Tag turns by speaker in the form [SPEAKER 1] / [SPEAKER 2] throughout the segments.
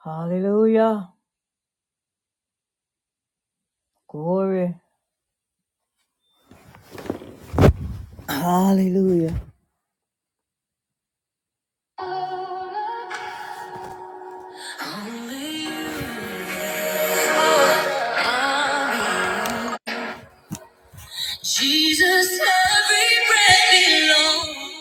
[SPEAKER 1] Hallelujah. Glory. Hallelujah. Jesus, every breath belongs.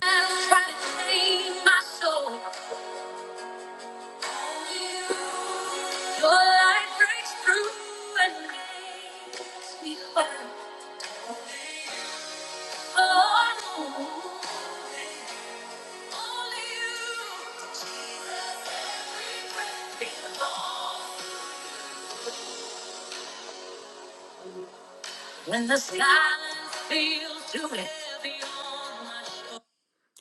[SPEAKER 1] I've to save my soul. Your light breaks through and makes me whole. Oh, only you. Jesus, every breath belongs. When the sky feels too heavy on my shoulders.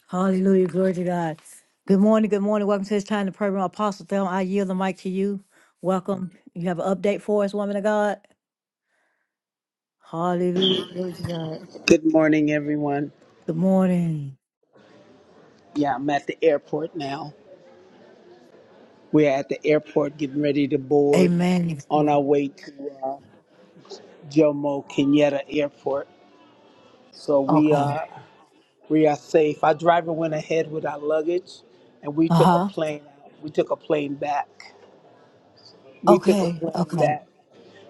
[SPEAKER 1] Hallelujah. Glory to God. Good morning. Good morning. Welcome to this time, of the program. Apostle Thelma, I yield the mic to you. Welcome. You have an update for us, woman of God? Hallelujah. Glory to God.
[SPEAKER 2] Good morning, everyone.
[SPEAKER 1] Good morning.
[SPEAKER 2] Yeah, I'm at the airport now. We're at the airport getting ready to board
[SPEAKER 1] Amen.
[SPEAKER 2] on our way to uh, Jomo Kenyatta Airport. So we
[SPEAKER 1] Okay.
[SPEAKER 2] are we are safe. Our driver went ahead with our luggage, and we
[SPEAKER 1] Uh
[SPEAKER 2] took a
[SPEAKER 1] huh.
[SPEAKER 2] plane. We took a plane back. We took a
[SPEAKER 1] Okay.
[SPEAKER 2] plane
[SPEAKER 1] Okay.
[SPEAKER 2] back.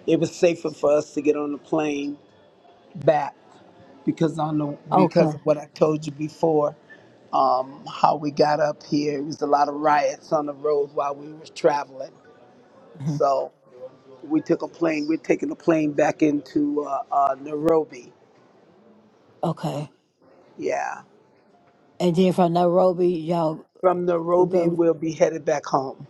[SPEAKER 2] It was safer for us to get on the plane back because on the
[SPEAKER 1] Okay.
[SPEAKER 2] because of what I told you before, um, how we got up here. It was a lot of riots on the road while we were traveling.
[SPEAKER 1] Mhm.
[SPEAKER 2] So we took a plane. We're taking a plane back into uh, uh, Nairobi.
[SPEAKER 1] Okay.
[SPEAKER 2] Yeah.
[SPEAKER 1] And then from Nairobi, y'all
[SPEAKER 2] From Nairobi,
[SPEAKER 1] go.
[SPEAKER 2] we'll be headed back home.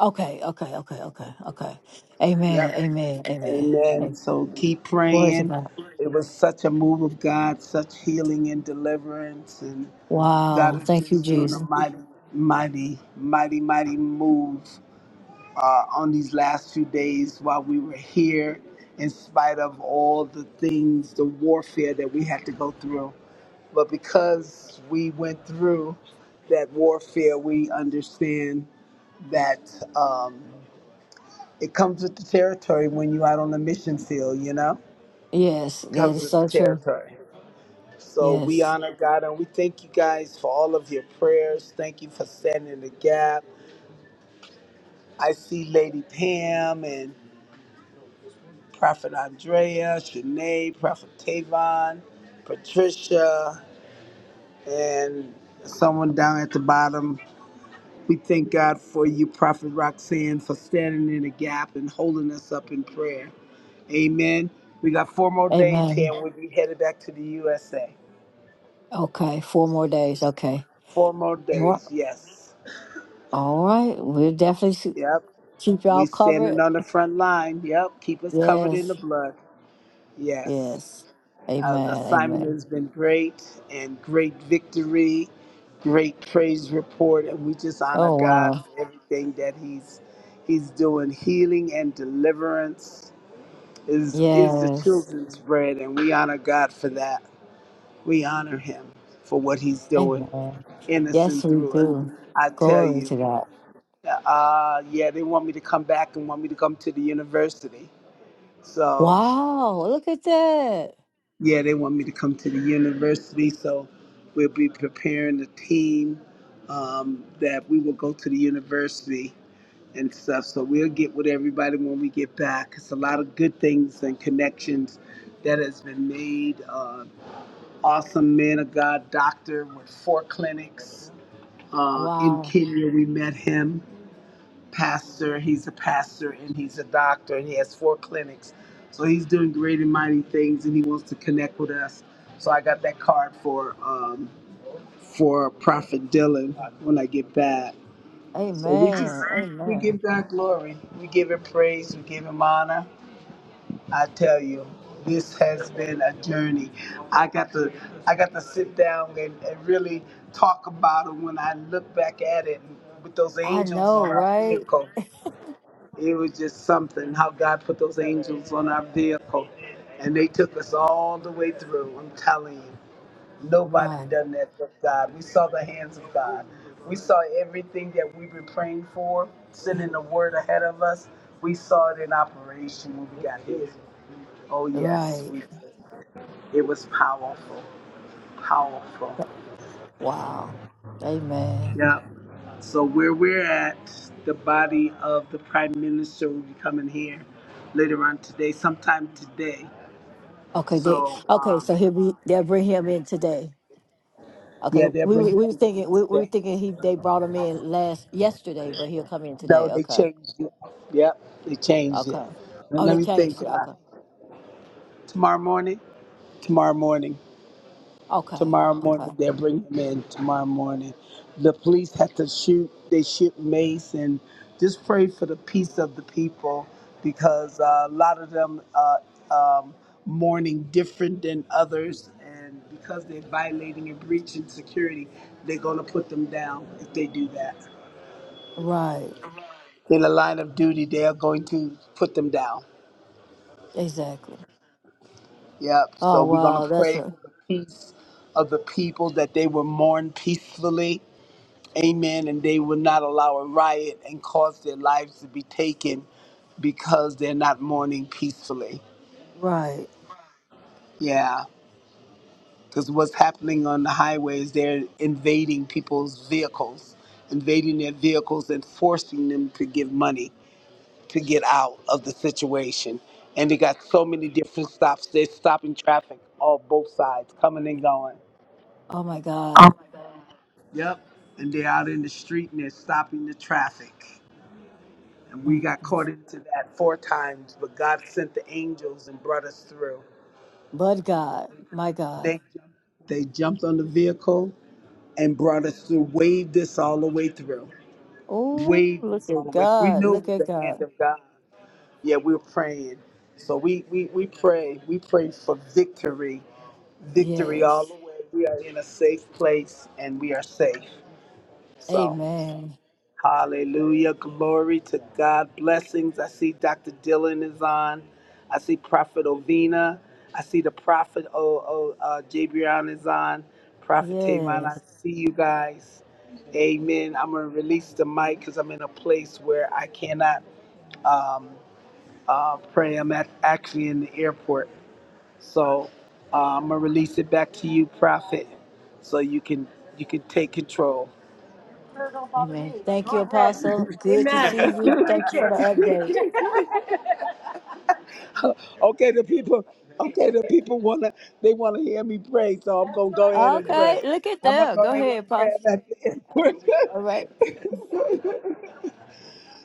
[SPEAKER 1] Okay. Okay. Okay. Okay. Okay. Amen.
[SPEAKER 2] Yep.
[SPEAKER 1] Amen. Amen.
[SPEAKER 2] Amen.
[SPEAKER 1] Amen.
[SPEAKER 2] So keep
[SPEAKER 1] Glory to
[SPEAKER 2] praying.
[SPEAKER 1] God.
[SPEAKER 2] It was such a move of God, such healing and deliverance, and
[SPEAKER 1] Wow.
[SPEAKER 2] God is
[SPEAKER 1] Thank you,
[SPEAKER 2] just doing a
[SPEAKER 1] Jesus.
[SPEAKER 2] mighty, mighty, mighty, mighty move uh, on these last few days while we were here, in spite of all the things, the warfare that we had to go through. But because we went through that warfare, we understand that um, it comes with the territory when you're out on the mission field, you know?
[SPEAKER 1] Yes. That
[SPEAKER 2] Comes
[SPEAKER 1] is
[SPEAKER 2] with the
[SPEAKER 1] so true.
[SPEAKER 2] territory. So we
[SPEAKER 1] Yes.
[SPEAKER 2] honor God and we thank you guys for all of your prayers. Thank you for standing the gap. I see Lady Pam and Prophet Andrea, Shanae, Prophet Tavon, Patricia, and someone down at the bottom We thank God for you, Prophet Roxanne, for standing in the gap and holding us up in prayer. Amen. We got four more days here
[SPEAKER 1] Amen.
[SPEAKER 2] and we'll be headed back to the USA.
[SPEAKER 1] Okay, four more days. Okay.
[SPEAKER 2] Four more
[SPEAKER 1] What?
[SPEAKER 2] days, yes.
[SPEAKER 1] All right. We'll definitely s-
[SPEAKER 2] Yep.
[SPEAKER 1] keep y'all
[SPEAKER 2] We standing
[SPEAKER 1] covered.
[SPEAKER 2] on the front line. Yep. Keep us covered in
[SPEAKER 1] Yes.
[SPEAKER 2] the blood. Yes.
[SPEAKER 1] Yes.
[SPEAKER 2] Uh, the
[SPEAKER 1] Amen.
[SPEAKER 2] assignment
[SPEAKER 1] Amen.
[SPEAKER 2] has been great and great victory, great praise report, and we just honor
[SPEAKER 1] Oh,
[SPEAKER 2] God
[SPEAKER 1] wow.
[SPEAKER 2] for everything that He's He's doing healing and deliverance is is the
[SPEAKER 1] Yes.
[SPEAKER 2] children's bread and we honor God for that. We honor him for what he's doing
[SPEAKER 1] Amen.
[SPEAKER 2] in us
[SPEAKER 1] Yes,
[SPEAKER 2] and
[SPEAKER 1] we
[SPEAKER 2] through us.
[SPEAKER 1] do.
[SPEAKER 2] I tell
[SPEAKER 1] Glory
[SPEAKER 2] you.
[SPEAKER 1] to God.
[SPEAKER 2] Uh yeah, they want me to come back and want me to come to the university. So
[SPEAKER 1] Wow. Look at that.
[SPEAKER 2] yeah, they want me to come to the university. So we'll be preparing the team um, that we will go to the university and stuff. So we'll get with everybody when we get back. It's a lot of good things and connections that has been made. Uh, awesome man of God doctor with four clinics. Uh, in
[SPEAKER 1] Wow.
[SPEAKER 2] Kenya, we met him. Pastor, he's a pastor and he's a doctor and he has four clinics. So he's doing great and mighty things and he wants to connect with us. So I got that card for um, for Prophet Dylan when I get back. So we just
[SPEAKER 1] Amen.
[SPEAKER 2] we
[SPEAKER 1] Amen.
[SPEAKER 2] give God glory, we give him praise, we give him honor. I tell you, this has been a journey. I got to I got to sit down and, and really talk about it when I look back at it with those
[SPEAKER 1] I
[SPEAKER 2] angels on
[SPEAKER 1] know,
[SPEAKER 2] our
[SPEAKER 1] right?
[SPEAKER 2] vehicle. It was just something how God put those angels on our vehicle and they took us all the way through. I'm telling you. Nobody
[SPEAKER 1] Right.
[SPEAKER 2] done that but God. We saw the hands of God. We saw everything that we've been praying for, sending the word ahead of us. We saw it in operation when we got here. Oh yes,
[SPEAKER 1] Right.
[SPEAKER 2] we, it was powerful, powerful.
[SPEAKER 1] Wow. Amen.
[SPEAKER 2] Yeah. So where we're at, the body of the prime minister will be coming here later on today, sometime today.
[SPEAKER 1] Okay. They,
[SPEAKER 2] So
[SPEAKER 1] okay.
[SPEAKER 2] um,
[SPEAKER 1] So he'll be, they'll bring him in today. Okay,
[SPEAKER 2] yeah, they're
[SPEAKER 1] we were-
[SPEAKER 2] bringing
[SPEAKER 1] we was
[SPEAKER 2] him in
[SPEAKER 1] thinking we, we
[SPEAKER 2] today.
[SPEAKER 1] were thinking he they brought him in last yesterday, but he'll come in
[SPEAKER 2] No,
[SPEAKER 1] today.
[SPEAKER 2] they
[SPEAKER 1] Okay,
[SPEAKER 2] changed it. Yep, they changed
[SPEAKER 1] okay.
[SPEAKER 2] it. And
[SPEAKER 1] Oh,
[SPEAKER 2] let
[SPEAKER 1] they
[SPEAKER 2] me think.
[SPEAKER 1] changed it.
[SPEAKER 2] Uh,
[SPEAKER 1] Okay,
[SPEAKER 2] tomorrow morning. Tomorrow morning.
[SPEAKER 1] okay,
[SPEAKER 2] Tomorrow morning,
[SPEAKER 1] okay.
[SPEAKER 2] they'll bring him in tomorrow morning. The police had to shoot, they shoot Mace, and just pray for the peace of the people because uh, a lot of them uh, um, mourning different than others. And because they're violating and breaching security, they're going to put them down if they do that.
[SPEAKER 1] Right,
[SPEAKER 2] In the line of duty, they are going to put them down.
[SPEAKER 1] exactly.
[SPEAKER 2] Yep. So
[SPEAKER 1] Oh
[SPEAKER 2] we're going
[SPEAKER 1] wow,
[SPEAKER 2] to
[SPEAKER 1] that's
[SPEAKER 2] pray
[SPEAKER 1] a
[SPEAKER 2] for the peace of the people that they will mourn peacefully Amen. And they will not allow a riot and cause their lives to be taken because they're not mourning peacefully.
[SPEAKER 1] right.
[SPEAKER 2] Yeah. Because what's happening on the highways, they're invading people's vehicles, invading their vehicles and forcing them to give money to get out of the situation. And they got so many different stops. They're stopping traffic on both sides, coming and going.
[SPEAKER 1] Oh my God,
[SPEAKER 2] Yep. And they're out in the street and they're stopping the traffic. And we
[SPEAKER 1] Mm,
[SPEAKER 2] got
[SPEAKER 1] mm.
[SPEAKER 2] caught into that four times, but God sent the angels and brought us through.
[SPEAKER 1] but God, my God.
[SPEAKER 2] They they jumped on the vehicle and brought us through, waved us all the way through.
[SPEAKER 1] Oh,
[SPEAKER 2] Waved
[SPEAKER 1] look
[SPEAKER 2] us all
[SPEAKER 1] at
[SPEAKER 2] the way. We
[SPEAKER 1] God,
[SPEAKER 2] knew it
[SPEAKER 1] look
[SPEAKER 2] was
[SPEAKER 1] at
[SPEAKER 2] the hand
[SPEAKER 1] God.
[SPEAKER 2] of God. Yeah, we were praying. So we, we, we pray. We pray for victory. Victory all the
[SPEAKER 1] Yes,
[SPEAKER 2] way. We are in a safe place and we are safe. So.
[SPEAKER 1] Amen.
[SPEAKER 2] Hallelujah. Glory to God. Blessings. I see Dr. Dylan is on. I see Prophet Ovina. I see the Prophet o, o, uh, J. Brown is on. Prophet Tavon, I
[SPEAKER 1] Yes,
[SPEAKER 2] see you guys. Amen. I'm going to release the mic because I'm in a place where I cannot um, uh, pray. I'm at, actually in the airport. So uh, I'm going to release it back to you, Prophet, so you can you can take control. Sure, don't bother me.
[SPEAKER 1] Amen. Thank
[SPEAKER 2] Go
[SPEAKER 1] you,
[SPEAKER 2] ahead.
[SPEAKER 1] Apostle. Good to see
[SPEAKER 2] Amen.
[SPEAKER 1] you.
[SPEAKER 2] You
[SPEAKER 1] Thank you for the
[SPEAKER 2] preach
[SPEAKER 1] update.
[SPEAKER 2] it. Okay, the people, okay, the people wanna, they wanna hear me pray, so I'm gonna go ahead and
[SPEAKER 1] Okay,
[SPEAKER 2] pray.
[SPEAKER 1] look at
[SPEAKER 2] I'm gonna
[SPEAKER 1] that.
[SPEAKER 2] go
[SPEAKER 1] Go
[SPEAKER 2] ahead and
[SPEAKER 1] ahead, Apostle.
[SPEAKER 2] pray. and That's
[SPEAKER 1] All right.
[SPEAKER 2] it.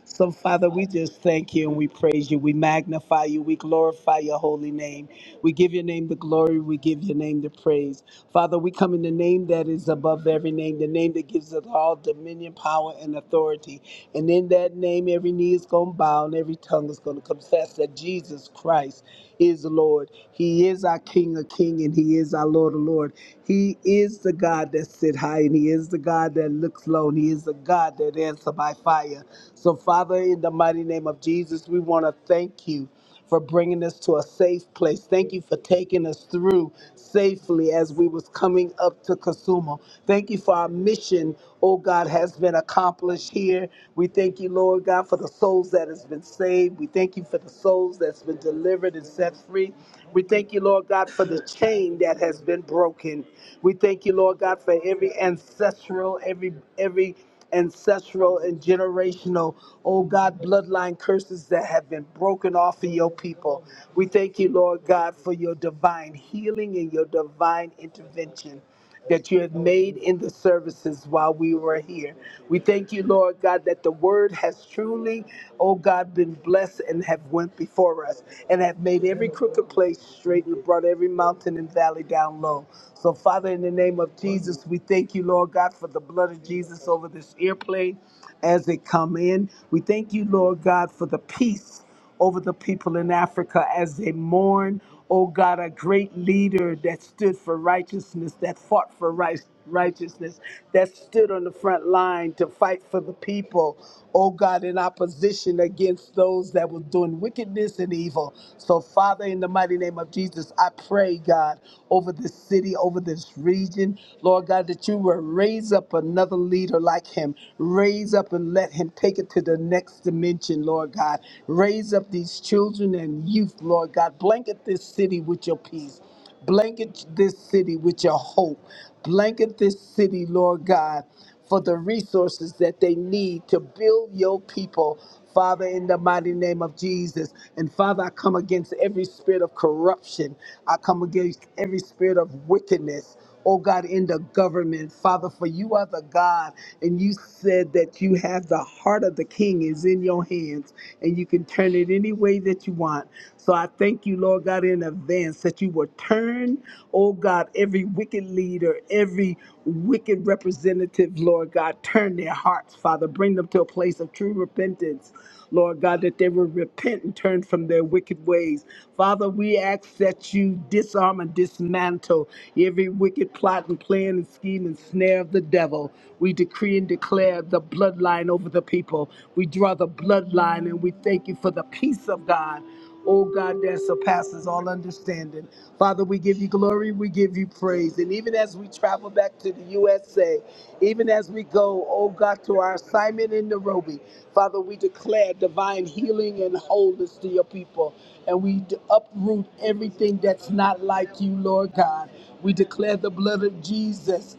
[SPEAKER 2] So, Father, we just thank you and we praise you. We magnify you. We glorify your holy name. We give your name the glory. We give your name the praise. Father, we come in the name that is above every name, the name that gives us all dominion, power, and authority. And in that name, every knee is going to bow and every tongue is going to confess that Jesus Christ is Lord. He is our King of King and He is our Lord of Lord. He is the God that sit high and He is the God that looks low and He is the God that answer by fire. So, Father, in the mighty name of Jesus, we want to thank you for bringing us to a safe place. Thank you for taking us through safely as we was coming up to Kasumo. Thank you for our mission, oh God, has been accomplished here. We thank you, Lord God, for the souls that has been saved. We thank you for the souls that's been delivered and set free. We thank you, Lord God, for the chain that has been broken. We thank you, Lord God, for every ancestral, every every ancestral and generational, oh God, bloodline curses that have been broken off of your people. We thank you, Lord God, for your divine healing and your divine intervention that you have made in the services while we were here. We thank you, Lord God, that the word has truly, oh God, been blessed and have went before us and have made every crooked place straight and brought every mountain and valley down low. So, Father, in the name of Jesus, we we thank you, Lord God, for the blood of Jesus over this airplane as they come in. We thank you, Lord God, for the peace over the people in Africa as they mourn. Oh God, a great leader that stood for righteousness, that fought for right, righteousness, that stood on the front line to fight for the people. Oh God, in opposition against those that were doing wickedness and evil. So, Father, in the mighty name of Jesus, I pray, God, over this this city, over this region. Lord God, that you will raise up another leader like him. Raise up and let him take it to the next dimension, Lord God. Raise up these children and youth, Lord God. Blanket this city with your peace. Blanket this city with your hope. Blanket this city, Lord God, for the resources that they need to build your people, Father, in the mighty name of Jesus. And Father, I come against every spirit of corruption, I come against every spirit of wickedness. Oh God, in the government, Father, for you are the God, and you said that you have the heart of the king is in your hands, and you can turn it any way that you want. So I thank you, Lord God, in advance that you will turn, oh God, every wicked leader, every wicked representative representative, Lord God. Turn their hearts, Father. Bring them to a place of true repentance, Lord God, that they will repent and turn from their wicked ways. Father, we ask that you disarm and dismantle every wicked plot and plan and scheme and snare of the devil. We decree and declare the bloodline over the people. We draw the bloodline and we thank you for the peace of God Oh God, that surpasses all understanding. Father, we give you glory, we give you praise. And even as we travel back to the USA, even as we go, oh God, to our assignment in Nairobi, Father, we declare divine healing and wholeness to your people. And we d- uproot everything that's not like you, Lord God. We declare the blood of Jesus.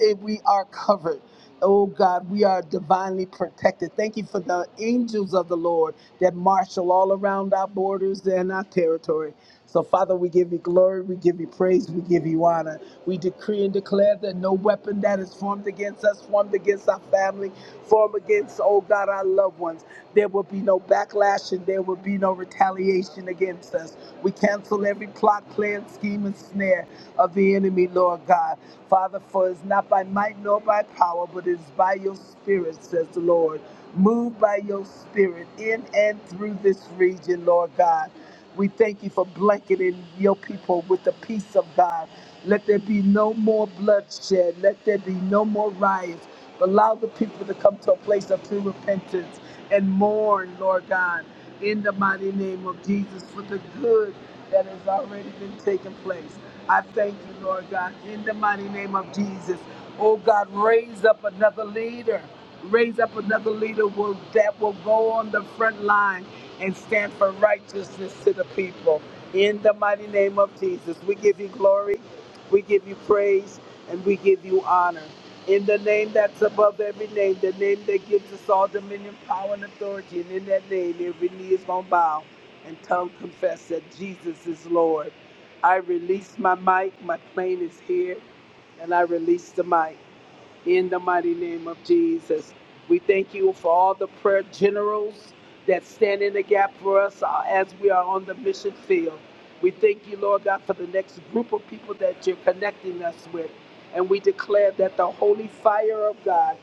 [SPEAKER 2] If we are covered. Oh God, we are divinely protected. Thank you for the angels of the Lord that marshal all around our borders and our territory. So, Father, we give you glory, we give you praise, we give you honor. We decree and declare that no weapon that is formed against us, formed against our family, formed against, oh God, our loved ones, there will be no backlash and there will be no retaliation against us. We cancel every every plot, plan, scheme, and snare of the enemy, Lord God. Father, for it's not by might nor by power, but it is by your spirit, says the Lord. Move by your spirit in and through this region, Lord God. We thank you for blanketing your people with the peace of God. Let there be no more bloodshed. Let there be no more riots. Allow the people to come to a place of true repentance and mourn, Lord God, in the mighty name of Jesus for the good that has already been taking place. I thank you, Lord God, in the mighty name of Jesus. Oh God, raise up another leader. Raise up another leader will, that will go on the front line and stand for righteousness to the people. In the mighty name of Jesus, we give you glory, we give you praise, and we give you honor in the name that's above every name, the name that gives us all dominion, power, and authority. And in that name, every knee is going to bow and tongue confess that Jesus is Lord. I release my mic. My plane is here, and I release the mic in the mighty name of Jesus. We thank you for all the prayer generals that stand in the gap for us uh, as we are on the mission field. We thank you, Lord God, for the next group of people that you're connecting us with. And we declare that the holy fire of God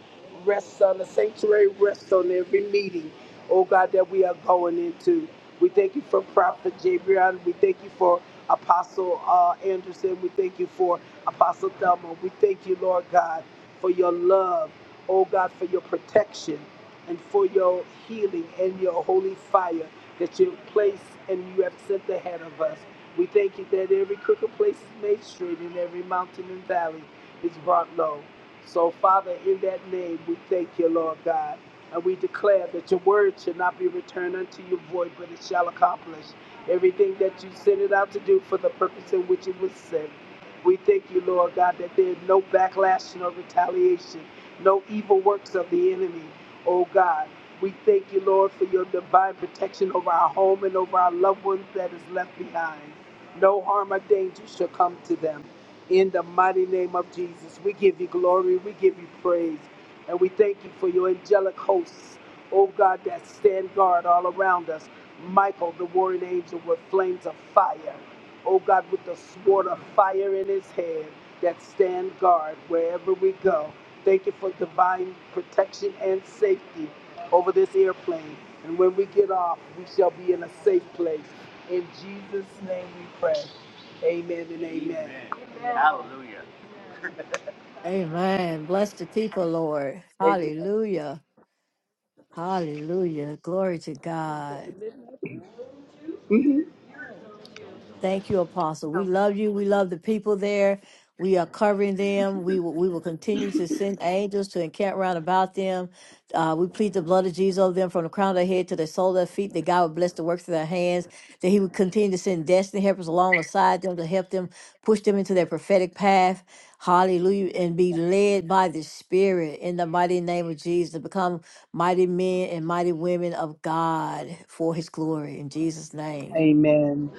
[SPEAKER 2] rests on the sanctuary, rests on every meeting, oh God, that we are going into. We thank you for Prophet Jabrion. We thank you for Apostle uh, Anderson. We thank you for Apostle Thelma. We thank you, Lord God for your love, oh God, for your protection and for your healing and your holy fire that you place and you have sent ahead of us. We thank you that every crooked place is made straight and every mountain and valley is brought low. So, Father, in that name, we thank you, Lord God. And we declare that your word shall not be returned unto you void, but it shall accomplish everything that you sent it out to do for the purpose in which it was sent. We thank you, Lord God, that there is no backlash nor retaliation, no evil works of the enemy, oh God. We thank you, Lord, for your divine protection over our home and over our loved ones that is left behind. No harm or danger shall come to them. In the mighty name of Jesus, we give you glory, we give you praise, and we thank you for your angelic hosts, oh God, that stand guard all around us. Michael, the warring angel, with flames of fire. O God, with the sword of fire in his hand that stand guard wherever we go. Thank you for divine protection and safety over this airplane. And when we get off, we shall be in a safe place. In Jesus' name we pray. Amen and amen. Amen.
[SPEAKER 1] Amen. Bless the people, Lord.
[SPEAKER 2] Amen.
[SPEAKER 1] Hallelujah. Hallelujah. Glory to God.
[SPEAKER 2] Mhm.
[SPEAKER 1] Thank you, Apostle. We love you. We love the people there. We are covering them. We will, we will continue to send angels to encamp round about them. Uh, we plead the blood of Jesus over them from the crown of their head to the sole of their feet, that God would bless the works of their hands, that He would continue to send destiny helpers alongside them to help them push them into their prophetic path. Hallelujah. And be led by the Spirit in the mighty name of Jesus to become mighty men and mighty women of God for His glory. In Jesus' name,
[SPEAKER 2] Amen.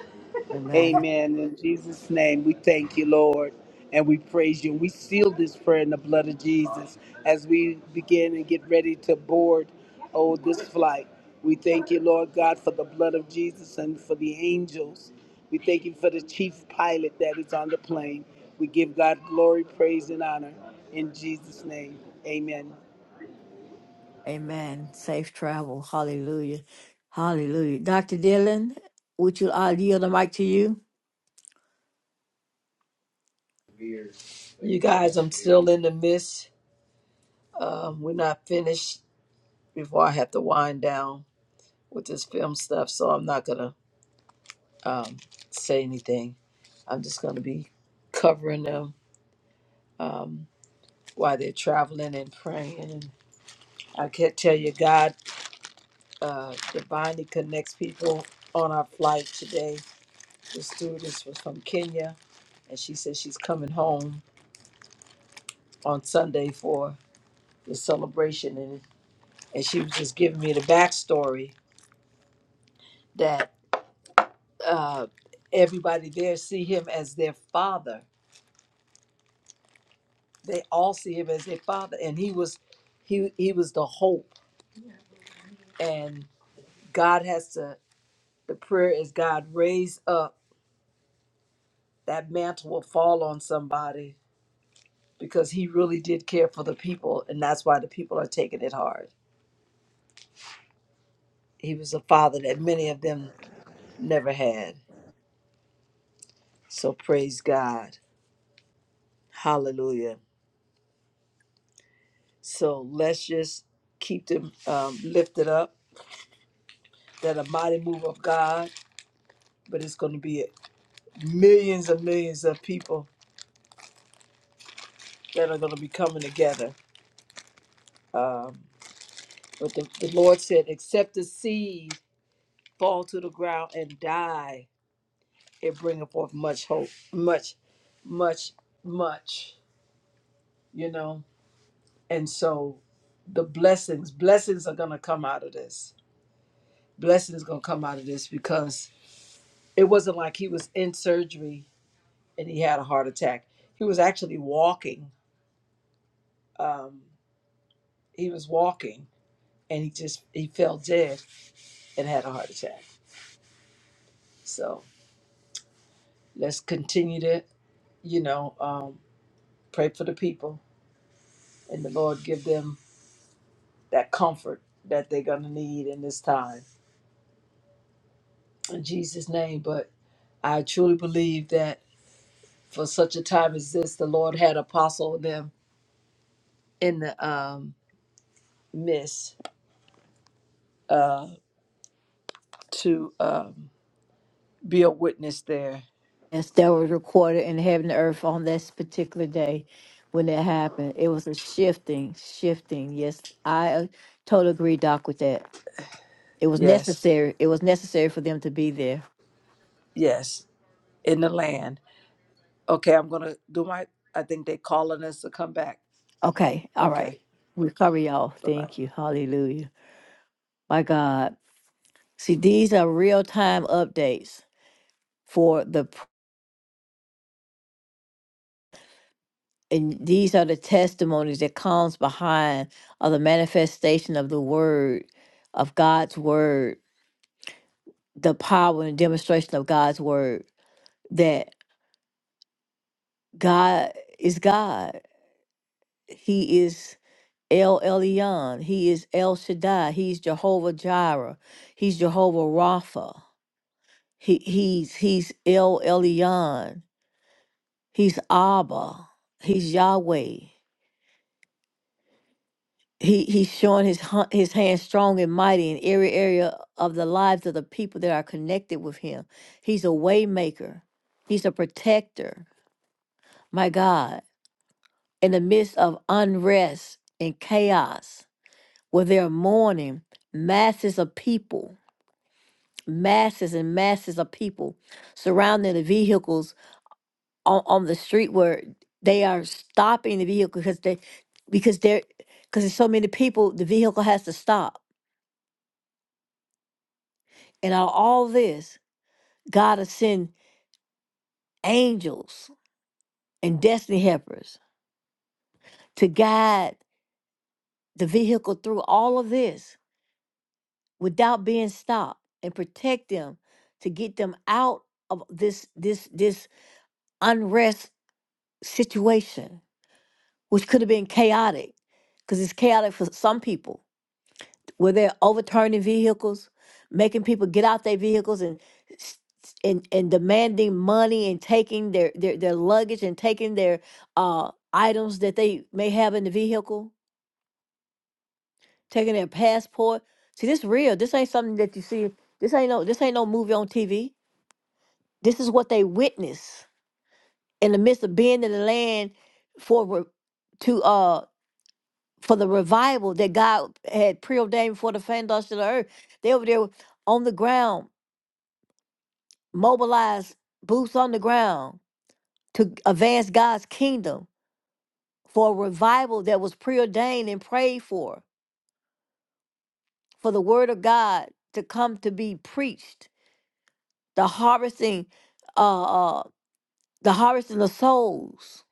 [SPEAKER 1] amen.
[SPEAKER 2] Amen. In Jesus' name, we thank you, Lord, and we praise you. And we seal this prayer in the blood of Jesus as we begin and get ready to board, oh, this flight. We thank you, Lord God, for the blood of Jesus and for the angels. We thank you for the chief pilot that is on the plane. We give God glory, praise, and honor in Jesus' name. Amen.
[SPEAKER 1] Amen. Safe travel. Hallelujah. Hallelujah. Dr. Dillon, would you, i yield the mic to you.
[SPEAKER 3] You guys, I'm still in the midst. Um, we're not finished before I have to wind down with this film stuff, so I'm not gonna say anything. I'm just gonna be covering them while they're traveling and praying. And I can't tell you, God uh, divinely connects people on our flight today. The stewardess was from Kenya, and she said she's coming home on Sunday for the celebration, and and she was just giving me the backstory that. uh, everybody there see him as their father. They all see him as their father, and he was, he he was the hope. And God has to. The prayer is God raise up that mantle will fall on somebody because he really did care for the people, and that's why the people are taking it hard. He was a father that many of them never had. So praise God, Hallelujah. So let's just keep them um, lifted up. That a mighty move of God but it's going to be millions and millions of people that are going to be coming together. Um, but the, the Lord said, except the seed fall to the ground and die, it bringeth forth much hope, much, much, much, you know. And so the blessings, blessings are going to come out of this. Blessings going to come out of this because it wasn't like he was in surgery and he had a heart attack. He was actually walking. Um, he was walking and he just he fell dead and had a heart attack. So let's continue to, you know, um, pray for the people and the Lord give them that comfort that they're gonna need in this time in Jesus' name. But I truly believe that for such a time as this, the Lord had apostle them in the um, midst to um, be a witness there.
[SPEAKER 1] Yes, that was recorded in heaven and earth on this particular day when that happened. It was a shifting, shifting. Yes, I uh, totally agree, Doc, with that. It was
[SPEAKER 3] Yes,
[SPEAKER 1] necessary. It was necessary for them to be there.
[SPEAKER 3] yes, in the land. Okay, I'm gonna do my. I think they calling us to come back.
[SPEAKER 1] Okay. All
[SPEAKER 3] Okay.
[SPEAKER 1] right. We cover y'all.
[SPEAKER 3] Bye bye.
[SPEAKER 1] Thank you. Hallelujah. My God. See, these are real time updates for the and these are the testimonies that comes behind of the manifestation of the word of god's word the power and demonstration of god's word that god is god he is el elyon he is el shaddai he's jehovah jireh he's jehovah rapha he, he's he's el elyon he's abba he's yahweh He he's showing his hu- his hand strong and mighty in every area of the lives of the people that are connected with him. He's a waymaker. He's a protector. My God, in the midst of unrest and chaos, where they're mourning, masses of people, masses and masses of people surrounding the vehicles on, on the street where they are stopping the vehicle because they because they're because there's so many people, the vehicle has to stop. And out of all this, God will send angels and destiny helpers to guide the vehicle through all of this without being stopped and protect them to get them out of this this this unrest situation, which could have been chaotic, because it's chaotic for some people where they're overturning vehicles, making people get out their vehicles and s- s- and, and demanding money and taking their, their, their luggage and taking their uh, items that they may have in the vehicle, taking their passport. See, this real. This ain't something that you see. This ain't no this ain't no movie on TV. This is what they witness in the midst of being in the land for re- to uh for the revival that God had preordained for the foundation of the earth. They over there on the ground mobilized boots on the ground to advance God's kingdom for a revival that was preordained and prayed for, for the word of God to come to be preached, the harvesting, uh, uh the harvesting of souls,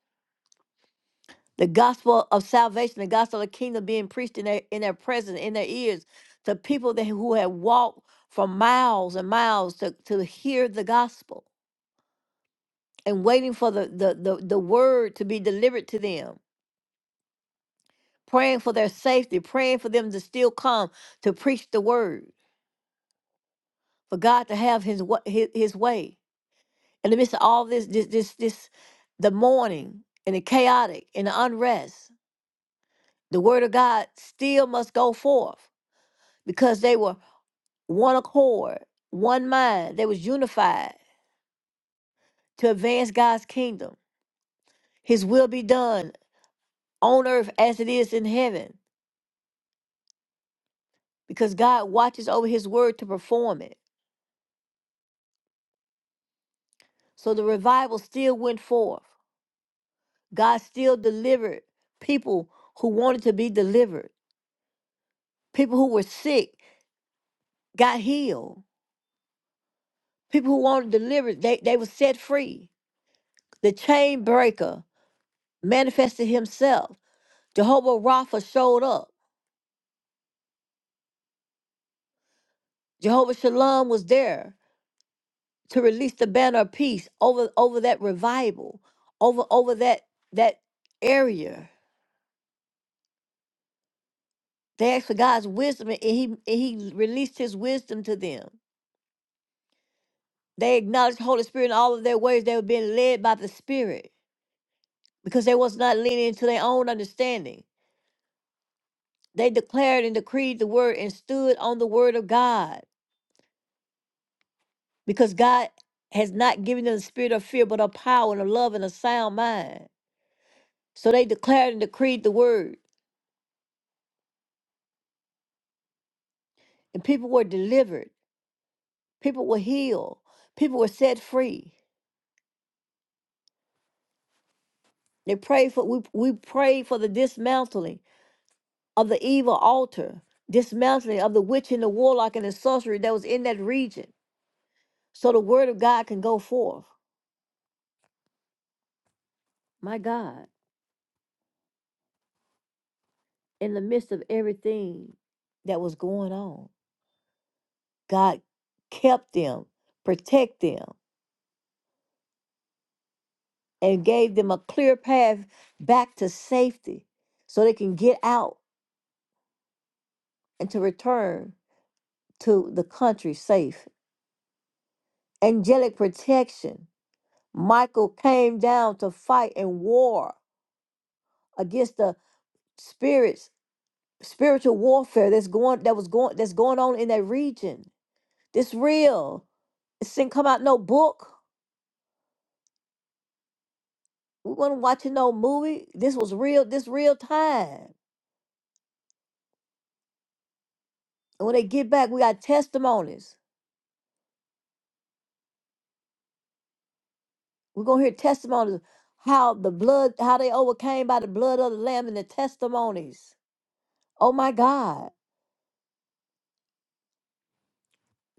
[SPEAKER 1] the gospel of salvation, the gospel of the kingdom being preached in their in their presence, in their ears, to people that who had walked for miles and miles to, to hear the gospel and waiting for the, the the the word to be delivered to them praying for their safety, praying for them to still come to preach the word, for God to have His wa- His, his way. In the midst of all this, this, this, this, the mourning and the chaotic and the unrest, the word of God still must go forth because they were one accord, one mind. They was unified to advance God's kingdom. His will be done on earth as it is in heaven, because God watches over His word to perform it. So the revival still went forth God still delivered people who wanted to be delivered. People who were sick got healed. People who wanted delivered, they, they were set free. The chain breaker manifested himself. Jehovah Rapha showed up. Jehovah Shalom was there to release the banner of peace over, over that revival, over over that that area. They asked for God's wisdom and he and he released his wisdom to them. They acknowledged the Holy Spirit in all of their ways. They were being led by the Spirit because they was not leaning into their own understanding. They declared and decreed the word and stood on the word of God because God has not given them the spirit of fear, but of power and of love and a sound mind. So they declared and decreed the word, and people were delivered. People were healed. People were set free. They prayed for we, we prayed for the dismantling of the evil altar, dismantling of the witch and the warlock and the sorcery that was in that region, so the word of God can go forth. My God, in the midst of everything that was going on, God kept them, protected them, and gave them a clear path back to safety so they can get out and to return to the country safe. Angelic protection. Michael came down to fight and war against the spirits spiritual warfare that's going that was going that's going on in that region. This real. This didn't come out no book. We wasn't watching no movie. This was real. This real time. And when they get back, we got testimonies. We're gonna hear testimonies of how the blood, how they overcame by the blood of the lamb and the testimonies. Oh my God,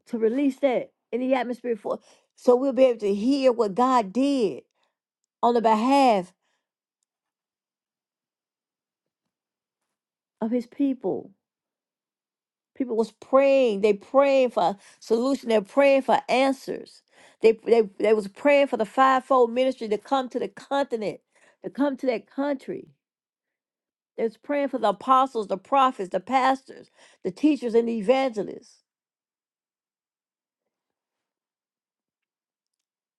[SPEAKER 1] to release that in the atmosphere for so we'll be able to hear what God did on the behalf of His people. People was praying. They praying for a solution. They're praying for answers. They, they they was praying for the fivefold ministry to come to the continent, to come to that country. They was praying for the apostles, the prophets, the pastors, the teachers, and the evangelists.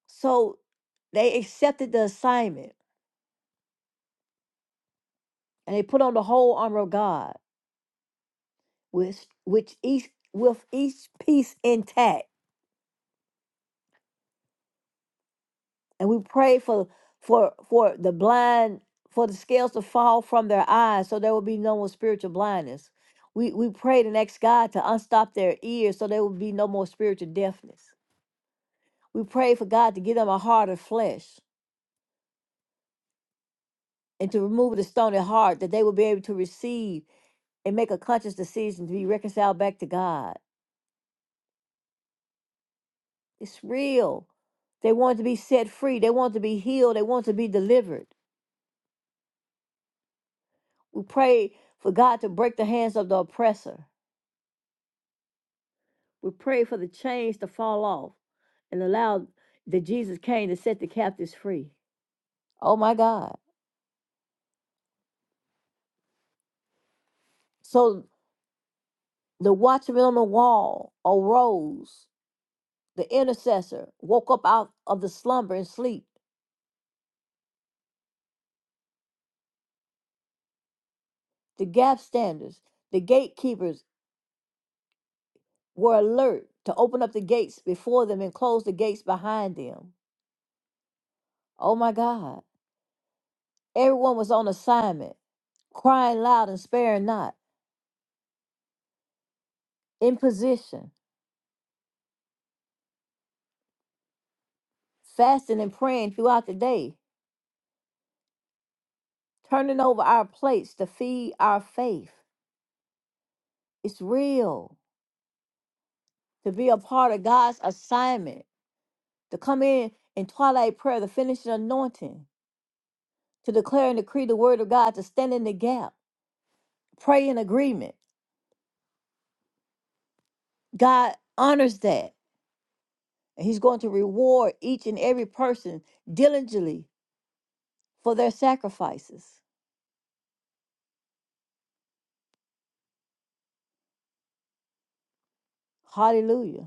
[SPEAKER 1] So they accepted the assignment and they put on the whole armor of God, with which each with each piece intact and we pray for for for the blind for the scales to fall from their eyes so there will be no more spiritual blindness we we prayed and asked god to unstop their ears so there will be no more spiritual deafness we pray for god to give them a heart of flesh and to remove the stony heart that they will be able to receive and make a conscious decision to be reconciled back to god it's real they want to be set free they want to be healed they want to be delivered we pray for god to break the hands of the oppressor We pray for the chains to fall off and allow that Jesus came to set the captives free. Oh my God. So the watchman on the wall arose. The intercessor woke up out of the slumber and sleep. The gap standers, the gatekeepers were alert to open up the gates before them and close the gates behind them. Oh my God. Everyone was on assignment, crying loud and sparing not, in position, fasting and praying throughout the day. turning over our plates to feed our faith. It's real to be a part of God's assignment, to come in in twilight prayer, the finishing anointing, to declare and decree the word of God, to stand in the gap, pray in agreement. God honors that. And He's going to reward each and every person diligently for their sacrifices. Hallelujah.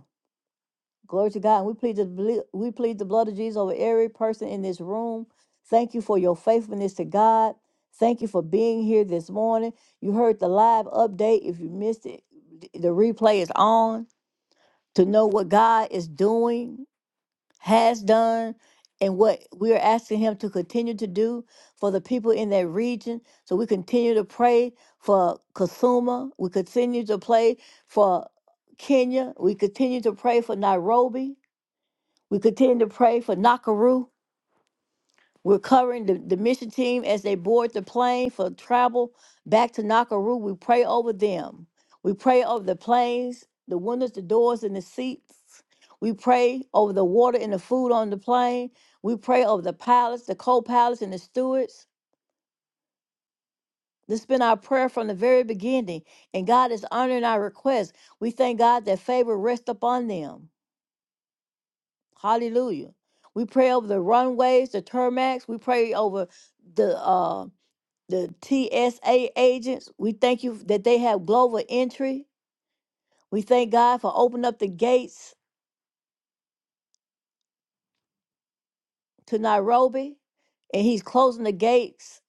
[SPEAKER 1] Glory to God. We plead the ble- we plead the blood of Jesus over every person in this room. Thank you for your faithfulness to God. Thank you for being here this morning. You heard the live update. If you missed it, th- the replay is on to know what God is doing, has done, and what we are asking Him to continue to do for the people in that region. So we continue to pray for Kasuma. We continue to pray for Kenya. We continue to pray for Nairobi. We continue to pray for Nakuru. We're covering the, the mission team as they board the plane for travel back to Nakuru. We pray over them. We pray over the planes, the windows, the doors, and the seats. We pray over the water and the food on the plane. We pray over the pilots, the co pilots, and the stewards. This has been our prayer from the very beginning, and God is honoring our request. We thank God that favor rests upon them. Hallelujah. We pray over the runways, the tarmacs. We pray over the uh, the TSA agents. We thank you that they have global entry. We thank God for opening up the gates to Nairobi, and He's closing the gates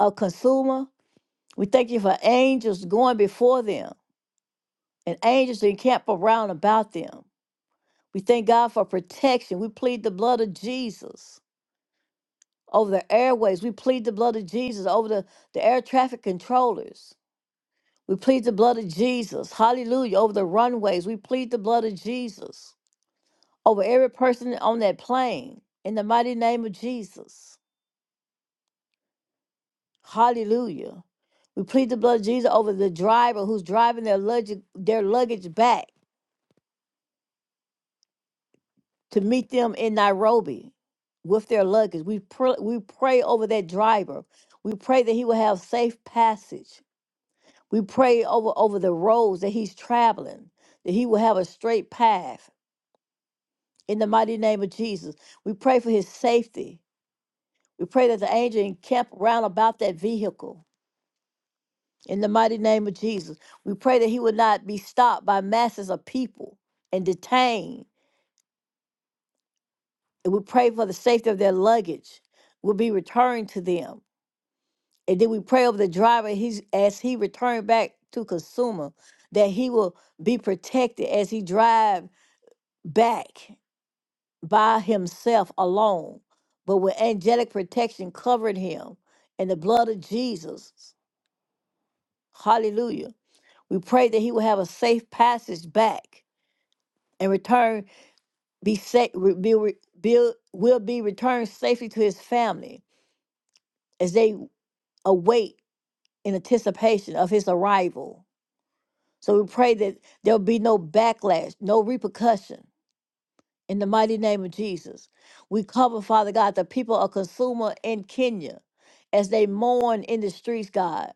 [SPEAKER 1] of Consumer. We thank you for angels going before them and angels that encamp around about them. We thank God for protection. We plead the blood of Jesus over the airways. We plead the blood of Jesus over the, the air traffic controllers. We plead the blood of Jesus. Hallelujah. Over the runways. We plead the blood of Jesus over every person on that plane in the mighty name of Jesus. Hallelujah. We plead the blood of Jesus over the driver who's driving their luggage, their luggage back to meet them in Nairobi with their luggage. We, pr- we pray over that driver. We pray that he will have safe passage. We pray over, over the roads that he's traveling, that he will have a straight path. In the mighty name of Jesus, we pray for his safety. We pray that the angel encamp round about that vehicle. In the mighty name of Jesus, we pray that he will not be stopped by masses of people and detained. And we pray for the safety of their luggage will be returned to them. And then we pray over the driver he's, as he returned back to consumer, that he will be protected as he drive back by himself alone, but with angelic protection covering him and the blood of Jesus. Hallelujah. We pray that he will have a safe passage back and return be safe be, re- be, will be returned safely to his family as they await in anticipation of his arrival. So we pray that there'll be no backlash, no repercussion In the mighty name of Jesus, we cover, Father God, the people of Consumer in Kenya as they mourn in the streets, God,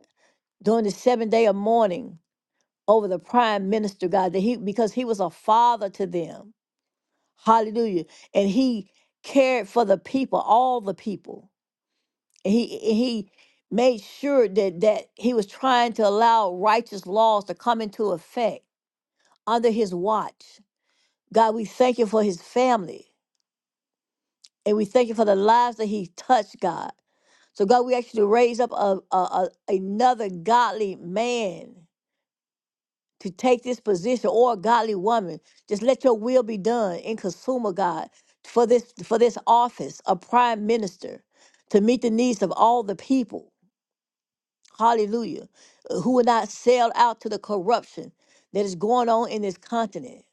[SPEAKER 1] during the seven day of mourning over the prime minister, God, that he because he was a father to them. Hallelujah. And he cared for the people, all the people. And he and he made sure that that he was trying to allow righteous laws to come into effect under his watch. God, we thank you for his family. And we thank you for the lives that he touched, God. So, God, we ask you to raise up a, a, a- another godly man to take this position or a godly woman. Just let your will be done in consumer, God, for this for this office of prime minister to meet the needs of all the people. Hallelujah. Uh, Who will not sell out to the corruption that is going on in this continent.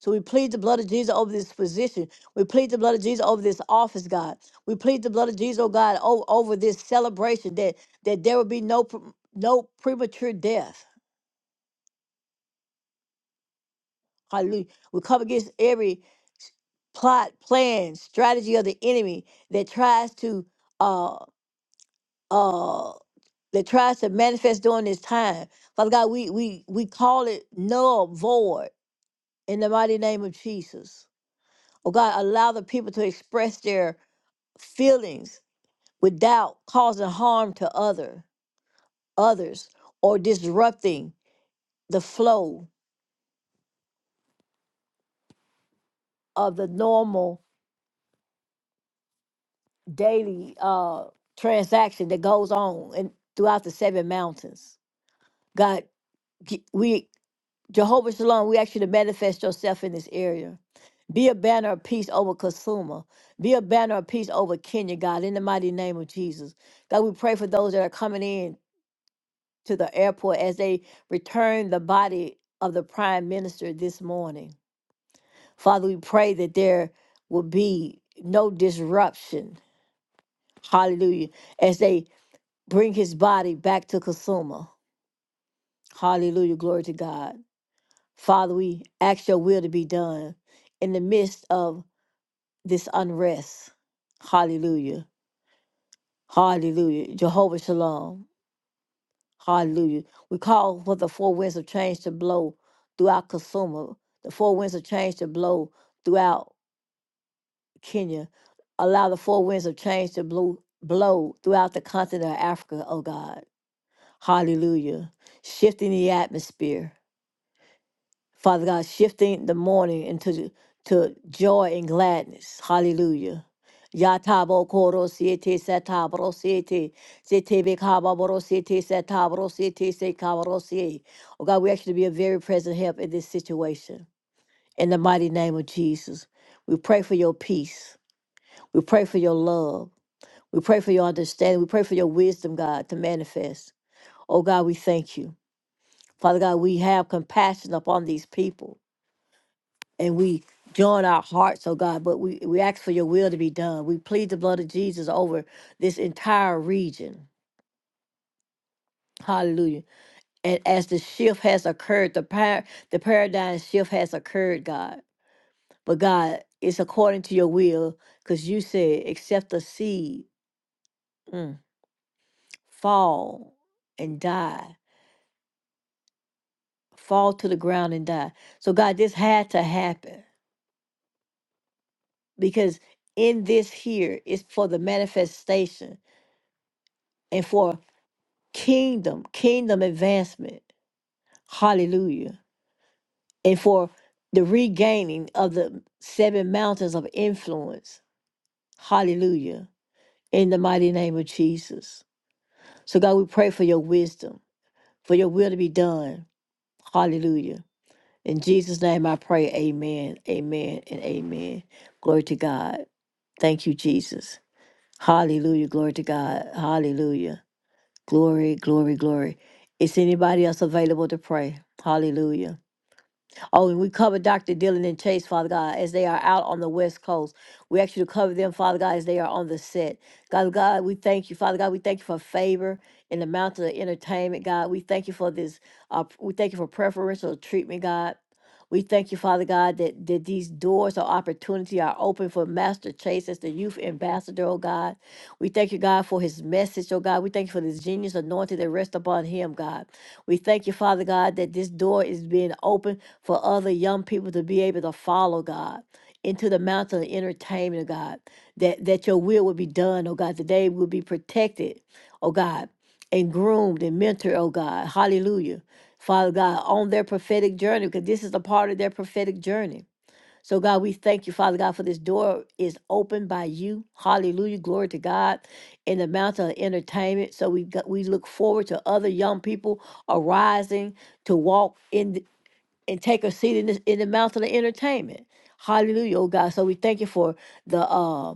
[SPEAKER 1] So we plead the blood of Jesus over this position. We plead the blood of Jesus over this office, God. We plead the blood of Jesus, oh God, over, over this celebration that that there will be no pre- no premature death. Hallelujah. We come against every s- plot, plan, strategy of the enemy that tries to uh uh that tries to manifest during this time. Father God, we we we call it null void in the mighty name of Jesus. Oh God, allow the people to express their feelings without causing harm to other others or disrupting the flow of the normal daily uh transaction that goes on and throughout the seven mountains god g- we jehovah shalom we ask you to manifest yourself in this area be a banner of peace over Kasuma. Be a banner of peace over Kenya, God, in the mighty name of Jesus. God, we pray for those that are coming in to the airport as they return the body of the prime minister this morning. Father, we pray that there will be no disruption. Hallelujah. As they bring his body back to Kasuma. Hallelujah. Glory to God. Father, we ask your will to be done in the midst of this unrest. Hallelujah. Hallelujah. Jehovah Shalom. Hallelujah. We call for the four winds of change to blow throughout Kasuma, the four winds of change to blow throughout Kenya. Allow the four winds of change to blow, blow throughout the continent of Africa, oh God. Hallelujah. Shifting the atmosphere. Father God, shifting the morning into to joy and gladness. Hallelujah. Yatabo koro siete satabro siete. Siete bekababro siete satabro siete sekabro siete. Oh God, we ask you to be a very present help in this situation. In the mighty name of Jesus, we pray for your peace. We pray for your love. We pray for your understanding. We pray for your wisdom, God, to manifest. Oh, God, we thank you. Father God, we have compassion upon these people and we join our hearts, oh God, but we, we ask for your will to be done. We plead the blood of Jesus over this entire region. Hallelujah. And as the shift has occurred, the, par- the paradigm shift has occurred, God. But God, it's according to your will because you said, except the seed mm, fall and die fall to the ground and die. So, God, this had to happen because in this here is for the manifestation and for kingdom, kingdom advancement. Hallelujah. And for the regaining of the seven mountains of influence. Hallelujah. In the mighty name of Jesus. So, God, we pray for your wisdom, for your will to be done. Hallelujah. In Jesus' name I pray, amen, amen, and amen. Glory to God. Thank you, Jesus. Hallelujah. Glory to God. Hallelujah. Glory, glory, glory. Is anybody else available to pray? Hallelujah. Oh, and we cover Dr. Dylan and Chase, Father God, as they are out on the West Coast. We ask you to cover them, Father God, as they are on the set. God, God, we thank you, Father God. We thank you for favor in the mountain of entertainment, God. We thank you for this. Uh, we thank you for preferential treatment, God. We thank you, Father God, that, that these doors of opportunity are open for Master Chase as the youth ambassador, oh God. We thank you, God, for his message, oh God. We thank you for this genius anointed that rests upon him, God. We thank you, Father God, that this door is being open for other young people to be able to follow God into the mountain of entertainment, oh God, that, that your will would be done, oh God, today we'll be protected, oh God, and groomed and mentored, oh God, hallelujah, Father God, on their prophetic journey, because this is a part of their prophetic journey. So God, we thank you, Father God, for this door is opened by you, hallelujah, glory to God, in the mountain of entertainment. So we got, we look forward to other young people arising to walk in and take a seat in, this, in the mountain of entertainment. Hallelujah, oh God. So we thank you for the um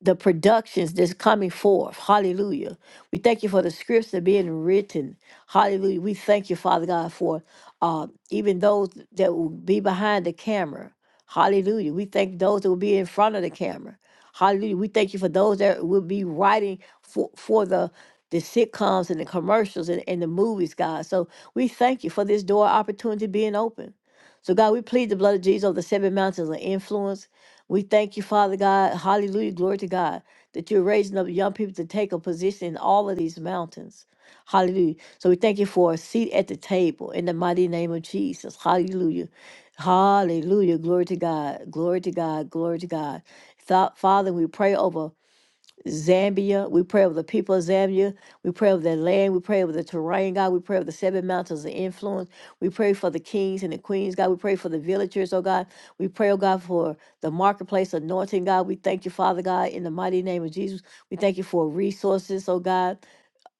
[SPEAKER 1] the productions that's coming forth. Hallelujah. We thank you for the scripts that are being written. Hallelujah. We thank you, Father God, for uh, even those that will be behind the camera. Hallelujah. We thank those that will be in front of the camera. Hallelujah. We thank you for those that will be writing for, for the the sitcoms and the commercials and, and the movies, God. So we thank you for this door opportunity being open. So God, we plead the blood of Jesus over the seven mountains of influence we thank you, Father God. Hallelujah. Glory to God that you're raising up young people to take a position in all of these mountains. Hallelujah. So we thank you for a seat at the table in the mighty name of Jesus. Hallelujah. Hallelujah. Glory to God. Glory to God. Glory to God. Thou- Father, we pray over Zambia. We pray over the people of Zambia. We pray over their land. We pray over the terrain, God. We pray over the seven mountains of influence. We pray for the kings and the queens, God. We pray for the villagers, oh God. We pray, oh God, for the marketplace anointing, God. We thank you, Father God, in the mighty name of Jesus. We thank you for resources, oh God.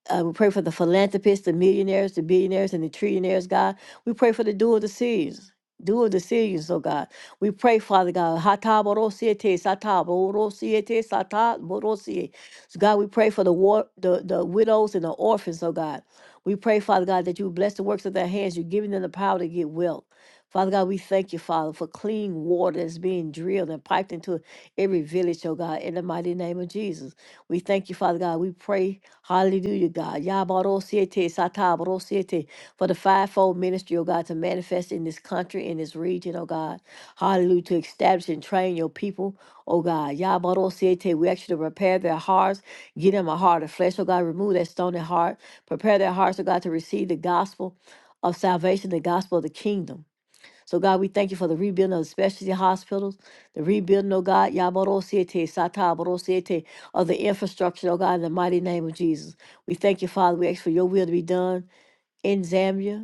[SPEAKER 1] Uh, we pray for the philanthropists, the millionaires, the billionaires, and the trillionaires, God. We pray for the dual decisions. Dual decisions, oh God. We pray, Father God. Hata borosiete, sata borosiete, sata borosie. So God, we pray for the war, the, the widows and the orphans, oh God. We pray, Father God, that you bless the works of their hands. You're giving them the power to get wealth. Father God, we thank you, Father, for clean water that's being drilled and piped into every village, oh God, in the mighty name of Jesus. We thank you, Father God. We pray, hallelujah, God. Yabarosiete, satabarosiete, For the fivefold ministry, oh God, to manifest in this country, in this region, oh God. Hallelujah, to establish and train your people, oh God. Yabarosiete, We ask you to repair their hearts, give them a heart of flesh, oh God. Remove that stony heart. Prepare their hearts, oh God, to receive the gospel of salvation, the gospel of the kingdom. So God, we thank you for the rebuilding of the specialty hospitals, the rebuilding, oh God, Yabarosiete, Satabarosiete, of the infrastructure, oh God, in the mighty name of Jesus. We thank you, Father. We ask for your will to be done in Zambia,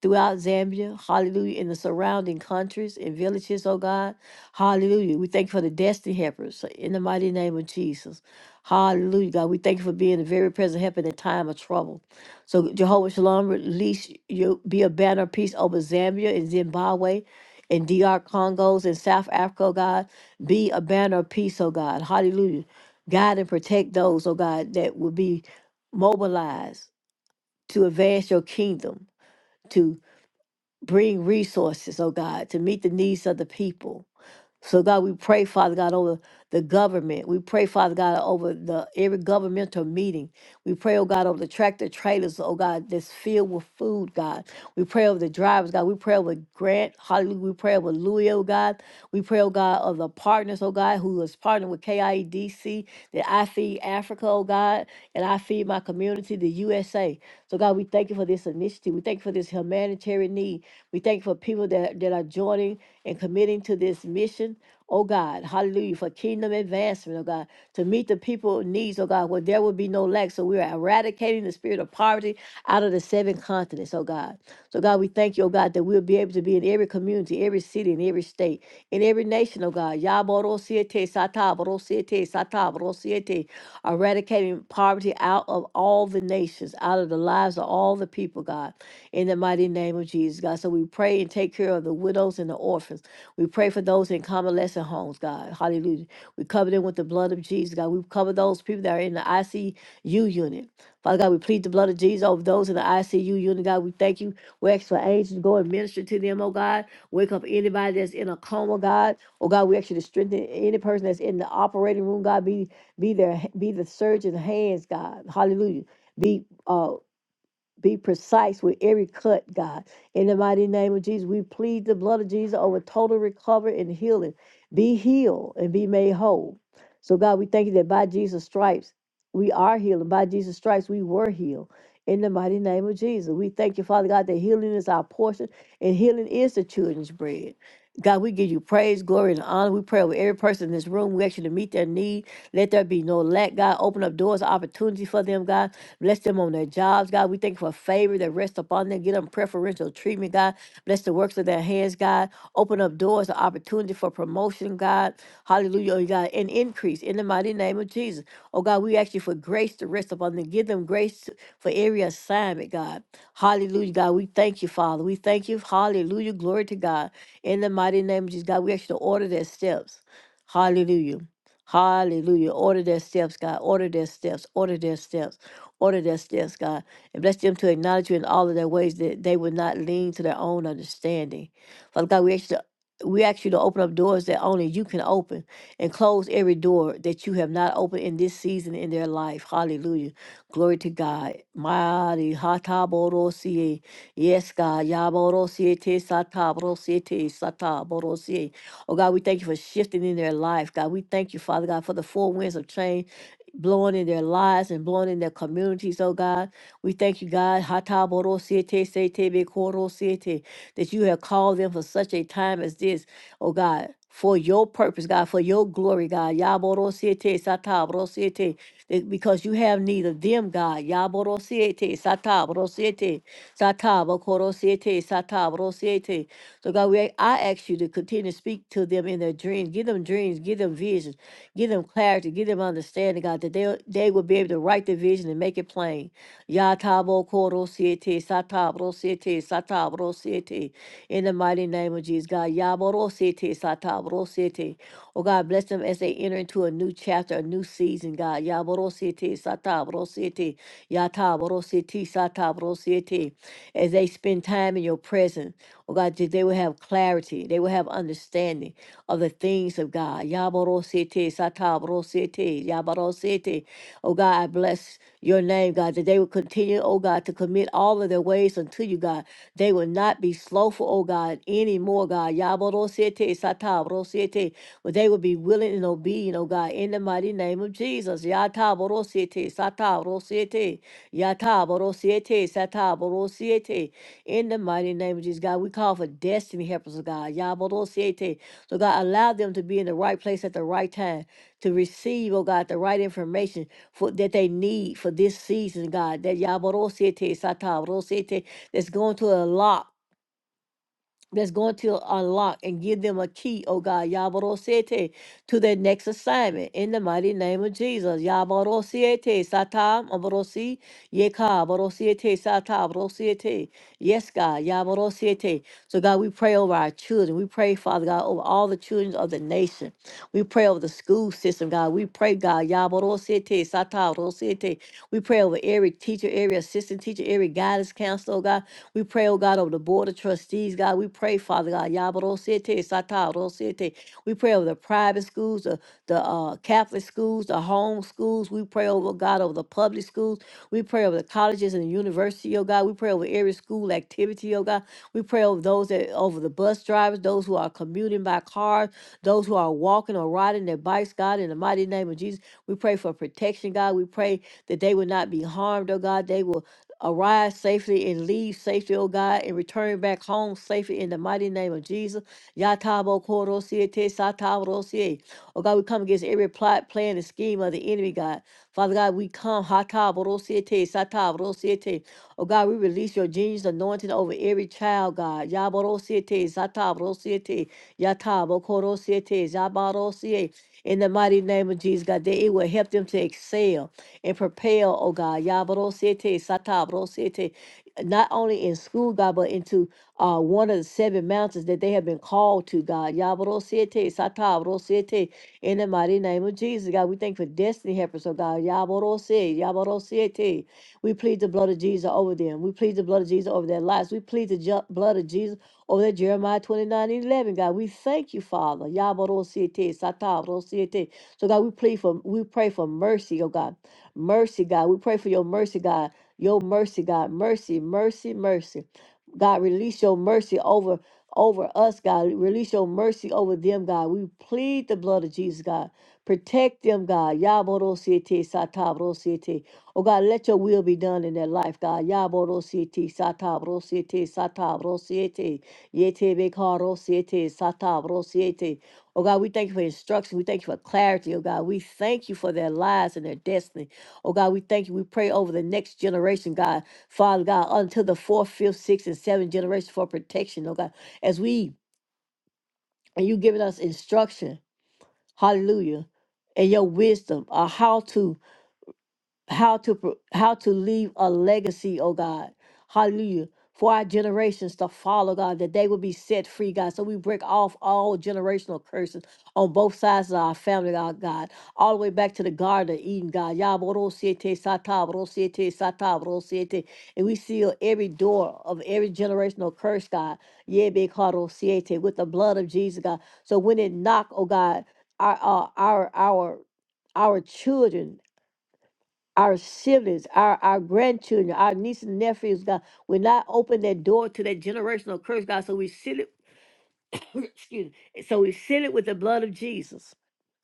[SPEAKER 1] throughout Zambia, hallelujah, in the surrounding countries and villages, oh God, hallelujah. We thank you for the destiny helpers in the mighty name of Jesus. Hallelujah, God. We thank you for being a very present help in a time of trouble. So, Jehovah Shalom, release you, be a banner of peace over Zambia and Zimbabwe and D.R. Congos and South Africa, oh God. Be a banner of peace, oh God. Hallelujah. Guide and protect those, oh God, that will be mobilized to advance your kingdom to. Bring resources, oh God, to meet the needs of the people. So God, we pray, Father God, over the government. We pray, Father God, over the every governmental meeting. We pray, oh God, over the tractor trailers, oh God, that's filled with food, God. We pray over the drivers, God. We pray over Grant, hallelujah. We pray over Louis, oh God. We pray, oh God, of the partners, oh God, who is partnering with KIEDC, that I feed Africa, oh God, and I feed my community, the USA. So God, we thank you for this initiative. We thank you for this humanitarian need. We thank you for people that, that are joining and committing to this mission, oh God, hallelujah, for kingdom advancement, oh God, to meet the people needs, oh God, where there will be no lack. So we are eradicating the spirit of poverty out of the seven continents, oh God. So God, we thank you, oh God, that we'll be able to be in every community, every city, in every state, in every nation, oh God. Yaborosiete, sataborosiete, sataborosiete, eradicating poverty out of all the nations, out of the lives of all the people, God in the mighty name of Jesus, God. So we pray and take care of the widows and the orphans. We pray for those in convalescent homes, God. Hallelujah. We cover them with the blood of Jesus, God. We cover those people that are in the ICU unit. Father God, we plead the blood of Jesus over those in the ICU unit, God. We thank you. We ask for angels to go and minister to them, oh God. Wake up anybody that's in a coma, God. Oh God, we ask you to strengthen any person that's in the operating room, God. Be be their be the surgeon's hands, God. Hallelujah. Be uh be precise with every cut, God. In the mighty name of Jesus, we plead the blood of Jesus over total recovery and healing. Be healed and be made whole. So, God, we thank you that by Jesus' stripes, we are healed. And by Jesus' stripes, we were healed. In the mighty name of Jesus, we thank you, Father God, that healing is our portion and healing is the children's bread. God, we give you praise, glory, and honor. We pray over every person in this room. We ask you to meet their need. Let there be no lack, God. Open up doors of opportunity for them, God. Bless them on their jobs, God. We thank you for favor that rests upon them. Give them preferential treatment, God. Bless the works of their hands, God. Open up doors of opportunity for promotion, God. Hallelujah, oh God. And increase in the mighty name of Jesus. Oh God, we ask you for grace to rest upon them. Give them grace to- for every assignment, God. Hallelujah, God. We thank you, Father. We thank you. Hallelujah. Glory to God. In the mighty name of Jesus, God, we ask you to order their steps. Hallelujah. Hallelujah. Order their steps, God. Order their steps. Order their steps. Order their steps, God, and bless them to acknowledge you in all of their ways that they would not lean to their own understanding. Father God, we ask you to, we ask you to open up doors that only you can open and close every door that you have not opened in this season in their life. Hallelujah. Glory to God. Mighty Hataborosie. Yes, God. Yaborosie te sataborosie te sataborosie. Oh God, we thank you for shifting in their life. God, we thank you, Father God, for the four winds of change blowing in their lives and blowing in their communities, oh God. We thank you, God, Hata boro siete sete be koro siete that you have called them for such a time as this, oh God. For your purpose, God, for your glory, God. Yaborosiete, sataborosiete, that- Because you have need of them, God. Ya boro siete sata boro siete Yaborosiete, sataborosiete, satabokorosiete, siete. sata boro siete. So, God, we, I ask you to continue to speak to them in their dreams. Give them dreams. Give them visions. Give them clarity, give them understanding, God, that they they will be able to write the vision and make it plain. Yatabo koro siete, satabro siete, satabro siete. In the mighty name of Jesus, God, yaboro siete, satabro siete. Oh God, bless them as they enter into a new chapter, a new season, God. Yaboro siete, satabro siete, yatabro siete, satabro siete. As they spend time in your presence. Oh God, that they will have clarity. They will have understanding of the things of God. Yabarosete, satabrosete, yabarosete. Oh God, I bless your name, God, that they will continue, oh God, to commit all of their ways unto you, God. They will not be slowful, oh God, anymore, God. Yabarosete, Yatata Rosiete. But they will be willing and obedient, oh God, in the mighty name of Jesus. Yata Borosiete, Sata Rosiete, Yata Borosiete, Sata Borosiete. In the mighty name of Jesus, God, we call for destiny helpers, oh God. Yaborosiete. So God, allow them to be in the right place at the right time to receive, oh God, the right information for that they need for this season, God. That Yaborosiete, Sata Rosiete, that's going to unlock that's going to unlock and give them a key, oh God, Yabarosiete, to their next assignment. In the mighty name of Jesus. Yabarosiete, Satam, Aborosi, Yeka, Borosiete, Sata, Borosiete. Yes, God, Yabarosiete. So, God, we pray over our children. We pray, Father God, over all the children of the nation. We pray over the school system, God. We pray, God, Yabarosiete, Sata, Borosiete. We pray over every teacher, every assistant teacher, every guidance counselor, oh God. We pray, oh God, over the Board of Trustees, God. We pray, Father God, Yabarosete, Satarosete. We pray over the private schools, the, the uh, Catholic schools, the home schools. We pray over, God, over the public schools. We pray over the colleges and the university, oh God. We pray over every school activity, oh God. We pray over those that over the bus drivers, those who are commuting by car, those who are walking or riding their bikes, God, in the mighty name of Jesus. We pray for protection, God. We pray that they would not be harmed, oh God. They will Arrive safely and leave safely, O God, and return back home safely in the mighty name of Jesus. Yatabo korosie te satabo Oh God, we come against every plot, plan, and scheme of the enemy, God. Father God, we come. Hatabo rosie te Oh God, we release your genius anointing over every child, God. Yabarosiete, Zatabrosiete, Yatabokorosiete, Zabarosie. In the mighty name of Jesus, God, that it will help them to excel and propel, oh God. Yabarosiete, Satabrosiete. Not only in school, God, but into uh, one of the seven mountains that they have been called to, God. Yabarosiete, Satabrosiete. In the mighty name of Jesus, God, we thank you for destiny helpers, oh God. Yabarosiete, Yabarosiete. We plead the blood of Jesus over them. We plead the blood of Jesus over their lives. We plead the ju- blood of Jesus over that Jeremiah 29 and 11, God. We thank you, Father. Yabarosiete, satarosiete. So, God, we plead for, we pray for mercy, oh God. Mercy, God. We pray for your mercy, God. Your mercy, God. Mercy, mercy, mercy. God, release your mercy over over us, God. Release your mercy over them, God. We plead the blood of Jesus, God. Protect them, God. Yabarosiete, satarosiete. Oh God, let your will be done in their life, God. Yaborosiete, satabrosiete, satabrosiete, yetebekarosiete, satabrosiete. Oh God, we thank you for instruction. We thank you for clarity, oh God. We thank you for their lives and their destiny. Oh God, we thank you. We pray over the next generation, God. Father God, until the fourth, fifth, sixth, and seventh generation for protection, oh God. As we and you giving us instruction, hallelujah, and your wisdom, or how to how to pro- how to leave a legacy, oh God. Hallelujah. For our generations to follow, God, that they will be set free, God. So we break off all generational curses on both sides of our family, God, God. All the way back to the Garden of Eden, God. Yaborosiete satabrosiete satabrosiete. And we seal every door of every generational curse, God. Yebekarosiete, With the blood of Jesus, God. So when it knock, oh God, our uh, our our our children our siblings, our, our grandchildren, our nieces and nephews, God. We not open that door to that generational curse, God. So we seal it, excuse me. So we seal it with the blood of Jesus.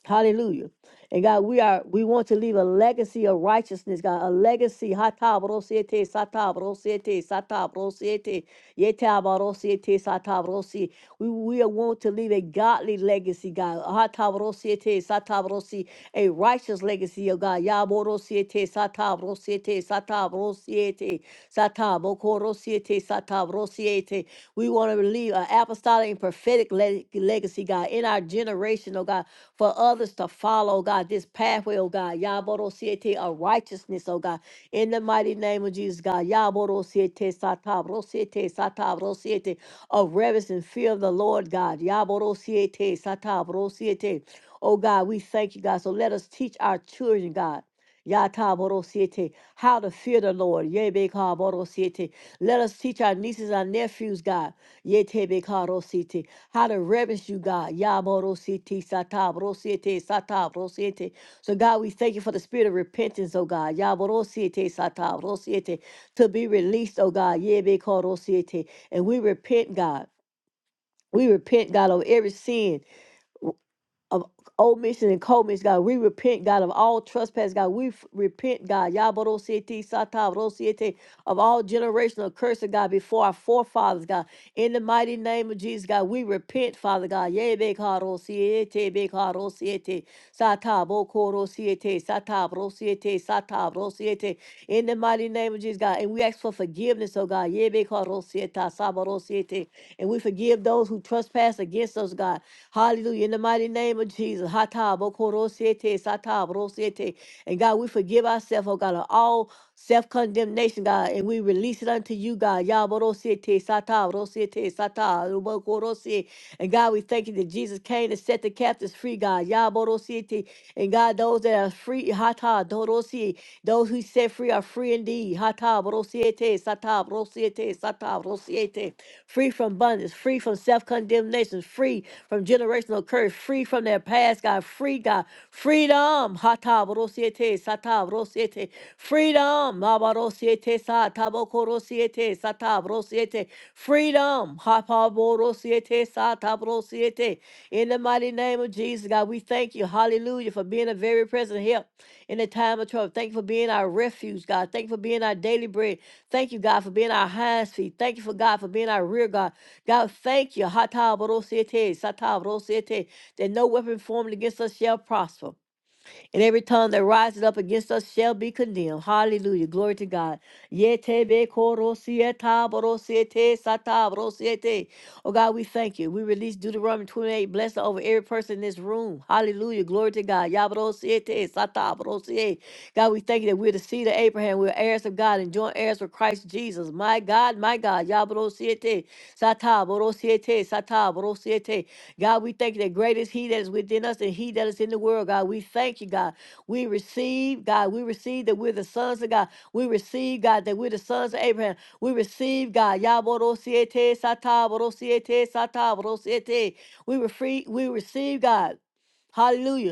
[SPEAKER 1] Hallelujah. And God, we are we want to leave a legacy of righteousness, God. A legacy. Hatabrosiete, satabrosiete, satabrosiete, yetabrosiete, satabrosi. We we want to leave a godly legacy, God. Hatabrosiete, satabrosi, a righteous legacy of God. Yaborosiete, satabrosiete, satabrosiete, satabokorosiete, satabrosiete. We want to leave an apostolic and prophetic le- legacy, God, in our generation, oh God, for others to follow, God, this pathway, oh God, Yaboro Siete of righteousness, oh God, in the mighty name of Jesus, God, Yaboro Siete Satabro Siete Satabro Siete of reverence and fear of the Lord, God, Yaboro Siete Satabro Siete. Oh God, we thank you, God. So let us teach our children, God. Yata borosiete, how to fear the Lord. Yebe ka borosiete. Let us teach our nieces and nephews, God. Yete be ka rosiete, how to reverence you, God. Ya borosiete, sata borosiete, sata borosiete. So, God, we thank you for the spirit of repentance, oh God. Ya borosiete, sata borosiete, to be released, oh God. Yebe ka rosiete. And we repent, God. We repent, God, of every sin of omission and commission, God. We repent, God, of all trespass, God. We f- repent, God. Yabarosiete, satabarosiete, of all generational curses, God, before our forefathers, God. In the mighty name of Jesus, God, we repent, Father God. Yebe karo siete, be karo siete, satabo koro siete, satabro siete, satabro siete. In the mighty name of Jesus, God, and we ask for forgiveness, oh God. Yebe karo siete, sabaro siete, and we forgive those who trespass against us, God. Hallelujah. In the mighty name of Jesus, hatabo siete, sata, bro siete. And God, we forgive ourselves, oh God, of all self condemnation, God, and we release it unto you, God. Ya bro siete, sata, bro siete, sata, rubo koro sie. And God, we thank you that Jesus came to set the captives free, God. Ya bro siete. And God, those that are free, hata, doro sie. Those who set free are free indeed. Hata, bro siete. Rosiete, Sata, Rosiete, Sata, Rosiete. Free from bondage, free from self condemnation, free from generational curse, free from their past, God. Free, God. Freedom. Hata, Rosiete, Sata, Rosiete. Freedom. Maba, Rosiete, Sata, Boko, Rosiete, Sata, Rosiete. Freedom. Hapa, Bo, Rosiete, Sata, Rosiete. In the mighty name of Jesus, God, we thank you. Hallelujah for being a very present help in the time of trouble. Thank you for being our refuge, God. Thank you for being our daily bread. Thank you, God, for being our hands, feet. Thank you for God for being our rear guard. God, thank you. Hatabarosete, satabarosete, That no weapon formed against us shall prosper and every tongue that rises up against us shall be condemned. Hallelujah. Glory to God. Yetebe korosieta borosiete sata borosiete. Oh God, we thank you. We release Deuteronomy 28 blessing over every person in this room. Hallelujah. Glory to God. Yaborosiete sata borosiete. God, we thank you that we're the seed of Abraham. We're heirs of God and joint heirs with Christ Jesus. My God, my God. Yaborosiete sata borosiete sata borosiete. God, we thank you that great is He that is within us and He that is in the world. God, we thank you, God. We receive, God, we receive that we're the sons of God. We receive, God, that we're the sons of Abraham. We receive, God. Yaborosiete sataboro siete sataboro siete. We, refree, we receive, God. Hallelujah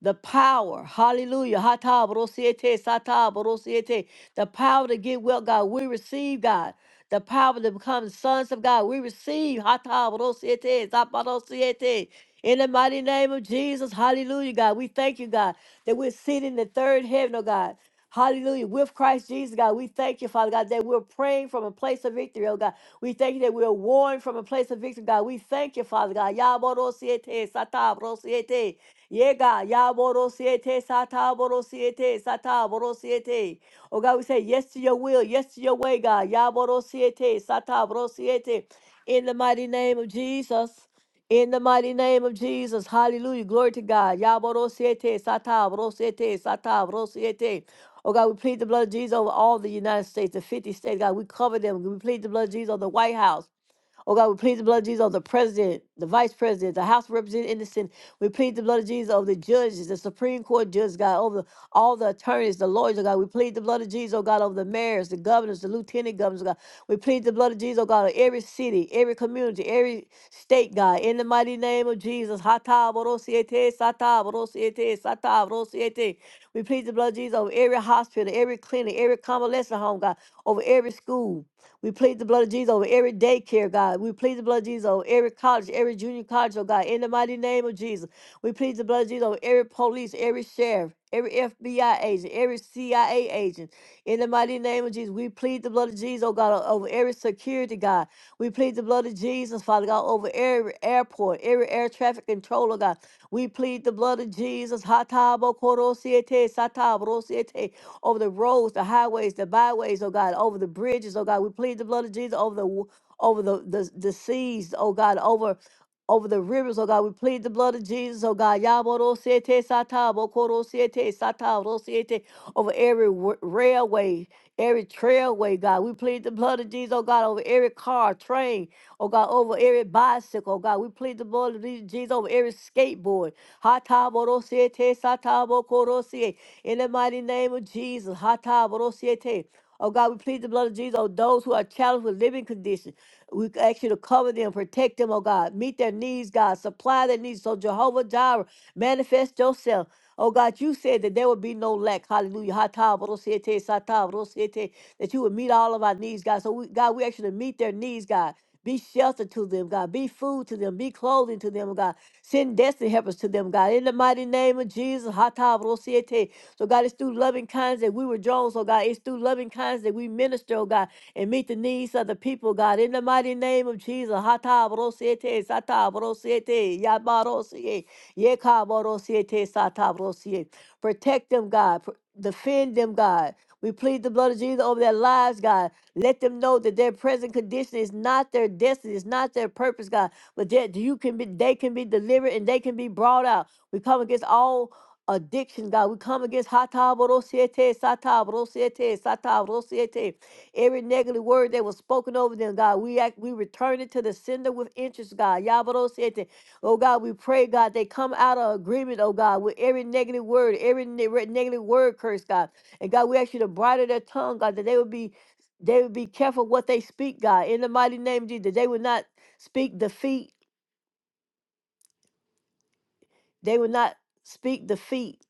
[SPEAKER 1] the power, hallelujah, hata borosiete, sata borosiete, the power to get well, God, we receive, God, the power to become sons of God, we receive, hata borosiete, zapa borosiete, in the mighty name of Jesus, hallelujah, God, we thank you, God, that we're sitting in the third heaven, oh God, hallelujah, with Christ Jesus, God, we thank you, Father God, that we're praying from a place of victory, oh God, we thank you that we're warned from a place of victory, God, we thank you, Father God, ya borosiete, sata borosiete, Yega yaborosiete sata borosiete sata borosiete. Oh God, we say yes to your will, yes to your way, God. Yaborosiete sata borosiete. In the mighty name of Jesus. In the mighty name of Jesus. Hallelujah. Glory to God. Yaborosiete sata borosiete sata borosiete. Oh God, we plead the blood of Jesus over all the United States, the 50 states. God, we cover them. We plead the blood of Jesus over the White House. Oh God, we plead the blood of Jesus of the president, the vice president, the House representative in the Senate. We plead the blood of Jesus of the judges, the Supreme Court judges, God, over all the attorneys, the lawyers, oh God. We plead the blood of Jesus, oh God, over the mayors, the governors, the lieutenant governors, oh God. We plead the blood of Jesus, oh God, of every city, every community, every state, God. In the mighty name of Jesus. Hata borosiete, sata borosiete, sata borosiete. We plead the blood of Jesus over every hospital, every clinic, every convalescent home, God, over every school. We plead the blood of Jesus over every daycare, God. We plead the blood of Jesus over every college, every junior college, oh God, in the mighty name of Jesus. We plead the blood of Jesus over every police, every sheriff, every FBI agent, every CIA agent. In the mighty name of Jesus, we plead the blood of Jesus, oh God, over every security, God. We plead the blood of Jesus, Father God, over every airport, every air traffic controller, God. We plead the blood of Jesus. Hatabo Korosiete, over the roads, the highways, the byways, oh God, over the bridges, oh God. We plead the blood of Jesus over the w- over the the, the seas, oh God, over over the rivers, oh God, we plead the blood of Jesus, oh God. Yaborosiete sata, bokorosiete sata, rosiete, Over every w- railway, every trailway, God. We plead the blood of Jesus, oh God, over every car, train, Oh God, over every bicycle. Oh God, we plead the blood of these- Jesus over every skateboard. Hatabodosiete, satabokorosie. In the mighty name of Jesus. Hatabodosiete. Oh God, we plead the blood of Jesus on those who are challenged with living conditions. We ask you to cover them, protect them, oh God. Meet their needs, God. Supply their needs. So Jehovah Jireh, manifest yourself. Oh God, you said that there would be no lack. Hallelujah. Hata brosete, sata brosete, That you would meet all of our needs, God. So we, God, we actually meet their needs, God. Be shelter to them, God. Be food to them. Be clothing to them, God. Send destiny helpers to them, God. In the mighty name of Jesus. hata brosete. So God, it's through loving kindness that we were drawn. So God, it's through loving kindness that we minister, oh God, and meet the needs of the people, God. In the mighty name of Jesus. hata brosete, sata brosete, yabba rosete. Yekabarosie te satabarosie. Protect them, God. Pr- Defend them, God. We plead the blood of Jesus over their lives, God. Let them know that their present condition is not their destiny, it's not their purpose, God. But that you can be, they can be delivered and they can be brought out. We come against all addiction, God. We come against hatabarosiete, satabarosiete, satabarosiete. Every negative word that was spoken over them, God, we act, we return it to the sender with interest, God. Yabarosiete. Oh God, we pray, God, they come out of agreement, oh God, with every negative word, every ne- re- negative word curse, God. And God, we ask you to bridle their tongue, God, that they would be they would be careful what they speak, God. In the mighty name of Jesus, that they would not speak defeat They will not speak defeat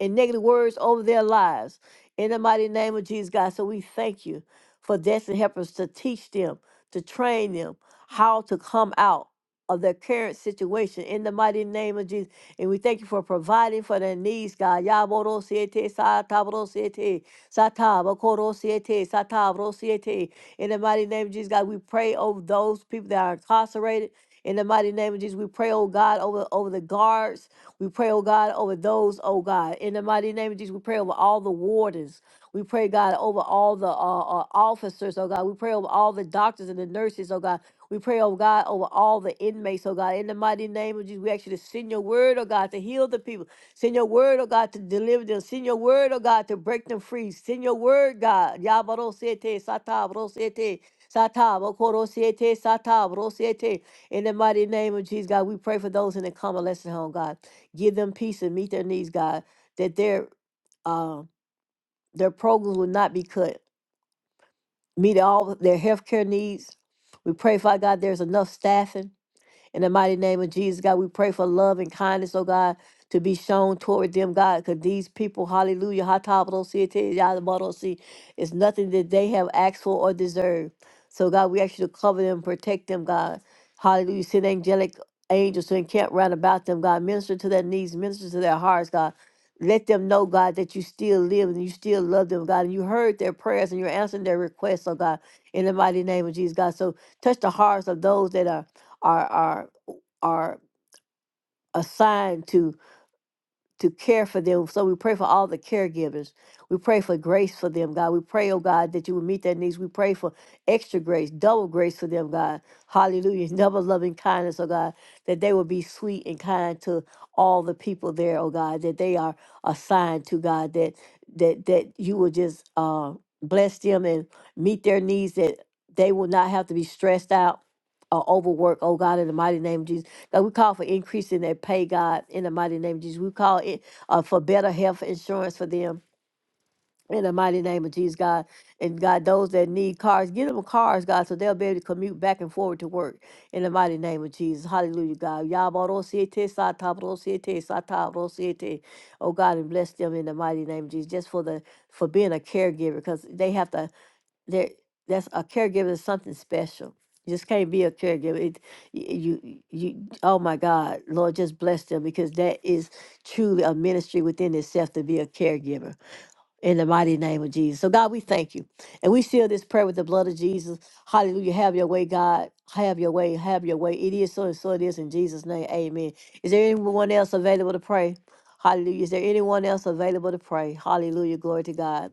[SPEAKER 1] and negative words over their lives. In the mighty name of Jesus, God. So we thank you for destiny helpers to teach them, to train them how to come out of their current situation in the mighty name of Jesus. And we thank you for providing for their needs, God. Yaboro siete, satabro siete, satabakoro siete, satabro siete. In the mighty name of Jesus, God, we pray over those people that are incarcerated. In the mighty name of Jesus, we pray, oh God, over, over the guards we pray, oh God, over those, oh God. In the mighty name of Jesus, we pray over all the wardens. We pray, God, over all the uh, uh, officers, oh God. We pray over all the doctors and the nurses, oh God. We pray, oh God, over all the inmates, oh God. In the mighty name of Jesus, we actually send your word, oh God, to heal the people. Send your word, oh God, to deliver them. Send your word, oh God, to break them free. Send your word, God. Yabarosete, satabrosete, satabokorosete, satabrosete. In the mighty name of Jesus, God, we pray for those in the convalescent home, God. Give them peace and meet their needs, God, that their uh, their programs will not be cut. Meet all their healthcare needs. We pray, Father God, there's enough staffing in the mighty name of Jesus, God, we pray for love and kindness, oh God, to be shown toward them, God, because these people, hallelujah, see, it's nothing that they have asked for or deserved. So, God, we ask you to cover them, protect them, God. Hallelujah. Send angelic angels to encamp round about them, God. Minister to their needs, minister to their hearts, God. Let them know, God, that you still live and you still love them, God. And you heard their prayers and you're answering their requests, oh God, in the mighty name of Jesus, God. So touch the hearts of those that are are are are assigned to to care for them. So we pray for all the caregivers. We pray for grace for them, God. We pray, oh God, that you would meet their needs. We pray for extra grace, double grace for them, God. Hallelujah. Double loving kindness, oh God, that they will be sweet and kind to all the people there, oh God, that they are assigned to, God, that that that you will just uh bless them and meet their needs that they will not have to be stressed out or overworked, oh God, in the mighty name of Jesus. God, we call for increase in their pay, God, in the mighty name of Jesus. We call it uh, for better health insurance for them. In the mighty name of Jesus, God. And God, those that need cars, give them cars, God, so they'll be able to commute back and forward to work. In the mighty name of Jesus. Hallelujah, God. Yabarosiete, satabrosiete, satabrosiete. Oh, God, and bless them in the mighty name of Jesus, just for the for being a caregiver, because they have to there, that's a caregiver is something special. You just can't be a caregiver. It, y- you, you, oh my God, Lord, just bless them because that is truly a ministry within itself to be a caregiver in the mighty name of Jesus. So, God, we thank you. And we seal this prayer with the blood of Jesus. Hallelujah. Have your way, God. Have your way. Have your way. It is so and so it is in Jesus' name. Amen. Is there anyone else available to pray? Hallelujah. Is there anyone else available to pray? Hallelujah. Glory to God.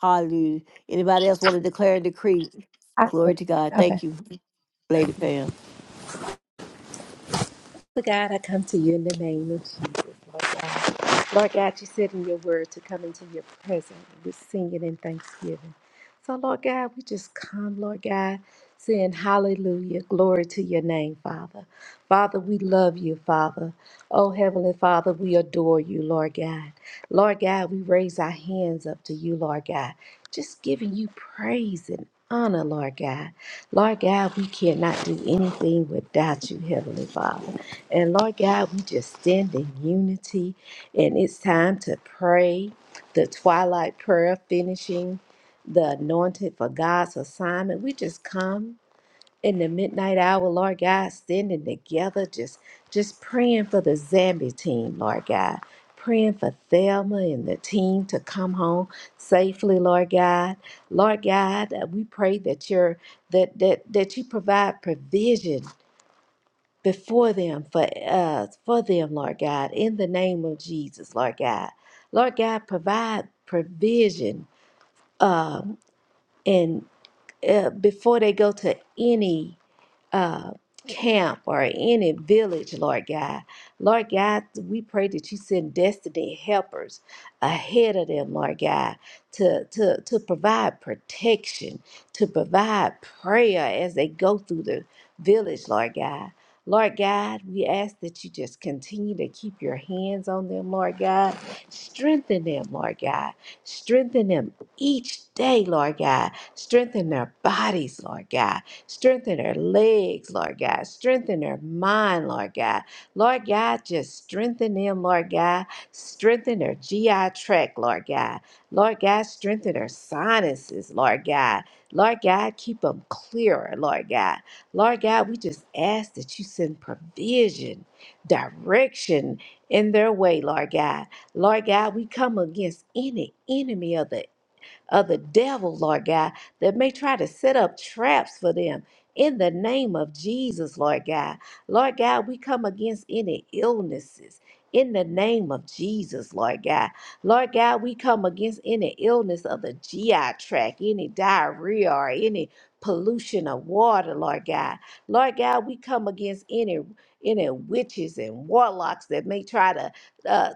[SPEAKER 1] Hallelujah. Anybody else want to declare and decree?
[SPEAKER 4] After.
[SPEAKER 1] Glory to God.
[SPEAKER 4] Okay.
[SPEAKER 1] Thank you, Lady Pam.
[SPEAKER 4] But God, I come to you in the name of Jesus, Lord God. Lord God, you said in your word to come into your presence with singing and thanksgiving. So, Lord God, we just come, Lord God, saying hallelujah, glory to your name, Father. Father, we love you, Father. Oh, Heavenly Father, we adore you, Lord God. Lord God, we raise our hands up to you, Lord God, just giving you praise and honor, Lord God. Lord God, we cannot do anything without you, Heavenly Father. And Lord God, we just stand in unity. And it's time to pray the twilight prayer, finishing the anointed for God's assignment. We just come in the midnight hour, Lord God, standing together, just just praying for the Zambia team, Lord God. Praying for Thelma and the team to come home safely, Lord God. Lord God, uh, we pray that you're that that that you provide provision before them for uh for them, Lord God, in the name of Jesus, Lord God. Lord God, provide provision um and uh, before they go to any uh, camp or any village, Lord God. Lord God, we pray that you send destiny helpers ahead of them, Lord God, to, to, to provide protection, to provide prayer as they go through the village, Lord God. Lord God, we ask that you just continue to keep your hands on them, Lord God. Strengthen them, Lord God. Strengthen them each day, Lord God Strengthen their bodies, Lord God. Strengthen their legs, Lord God. Strengthen their mind, Lord God. Lord God, just strengthen them, Lord God. Strengthen their GI tract, Lord God. Lord God, strengthen their sinuses, Lord God. Lord God, keep them clearer, Lord God. Lord God, we just ask that you send provision, direction in their way, Lord God. Lord God, we come against any enemy of the of the devil, Lord God, that may try to set up traps for them. In the name of Jesus, Lord God. Lord God, we come against any illnesses. In the name of Jesus, Lord God. Lord God, we come against any illness of the GI tract, any diarrhea or any pollution of water, Lord God. Lord God, we come against any any witches and warlocks that may try to uh,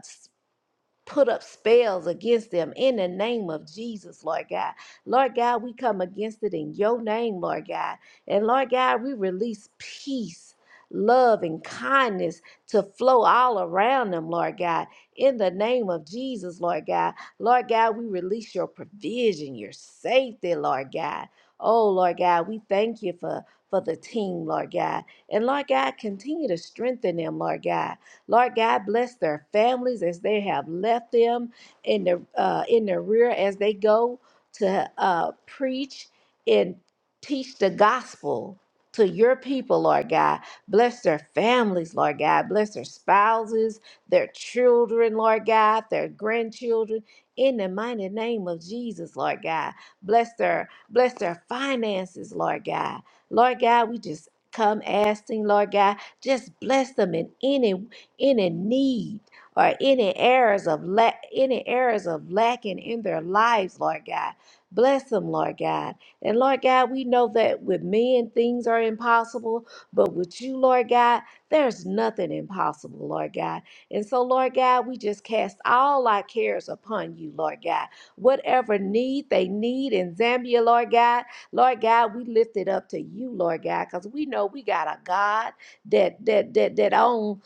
[SPEAKER 4] put up spells against them in the name of Jesus, Lord God. Lord God, we come against it in your name, Lord God. And Lord God, we release peace. Love and kindness to flow all around them, Lord God. In the name of Jesus, Lord God. Lord God, we release your provision, your safety, Lord God. Oh, Lord God, we thank you for, for the team, Lord God. And Lord God, continue to strengthen them, Lord God. Lord God, bless their families as they have left them in the uh, in the rear as they go to uh, preach and teach the gospel to your people, Lord God. Bless their families, Lord God. Bless their spouses, their children, Lord God, their grandchildren. In the mighty name of Jesus, Lord God. Bless their bless their finances, Lord God. Lord God, we just come asking, Lord God, just bless them in any any need or any areas of lack any areas of lacking in their lives, Lord God. Bless them, Lord God. And Lord God, we know that with men things are impossible, but with you, Lord God, there's nothing impossible, Lord God. And so, Lord God, we just cast all our cares upon you, Lord God. Whatever need they need in Zambia, Lord God, Lord God, we lift it up to you, Lord God, because we know we got a God that that that that owns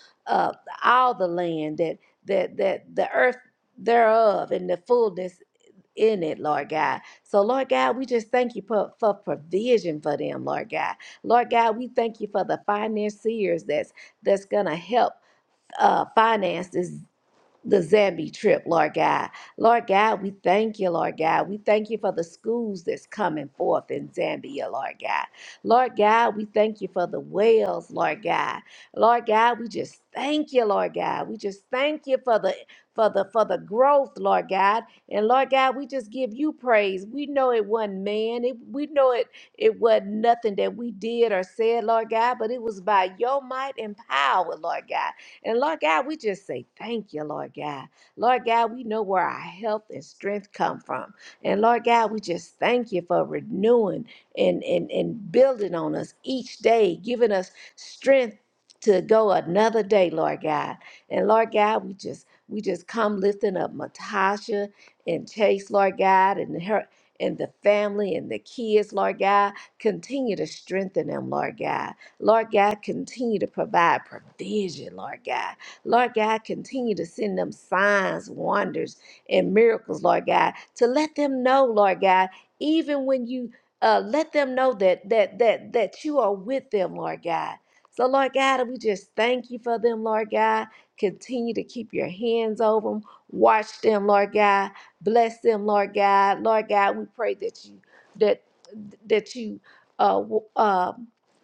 [SPEAKER 4] all the land that that that the earth thereof and the fullness in it, Lord God. So, Lord God, we just thank you for, for provision for them, Lord God. Lord God, we thank you for the financiers that's that's gonna help uh finance this the Zambi trip, Lord God. Lord God, we thank you, Lord God. We thank you for the schools that's coming forth in Zambia, Lord God. Lord God, we thank you for the wells, Lord God. Lord God, we just thank you, Lord God. We just thank you for the for the for the growth, Lord God. And Lord God, we just give you praise. We know it wasn't man. It, we know it it wasn't nothing that we did or said, Lord God, but it was by your might and power, Lord God. And Lord God, we just say thank you, Lord God. Lord God, we know where our health and strength come from. And Lord God, we just thank you for renewing and, and, and building on us each day, giving us strength to go another day, Lord God. And Lord God, we just we just come lifting up Matasha and Chase, Lord God, and her and the family and the kids, Lord God. Continue to strengthen them, Lord God. Lord God, continue to provide provision, Lord God. Lord God, continue to send them signs, wonders, and miracles, Lord God, to let them know, Lord God, even when you uh, let them know that that that that you are with them, Lord God. So, Lord God, we just thank you for them, Lord God. Continue to keep your hands over them. Watch them, Lord God. Bless them, Lord God. Lord God, we pray that you that that you uh, w- uh,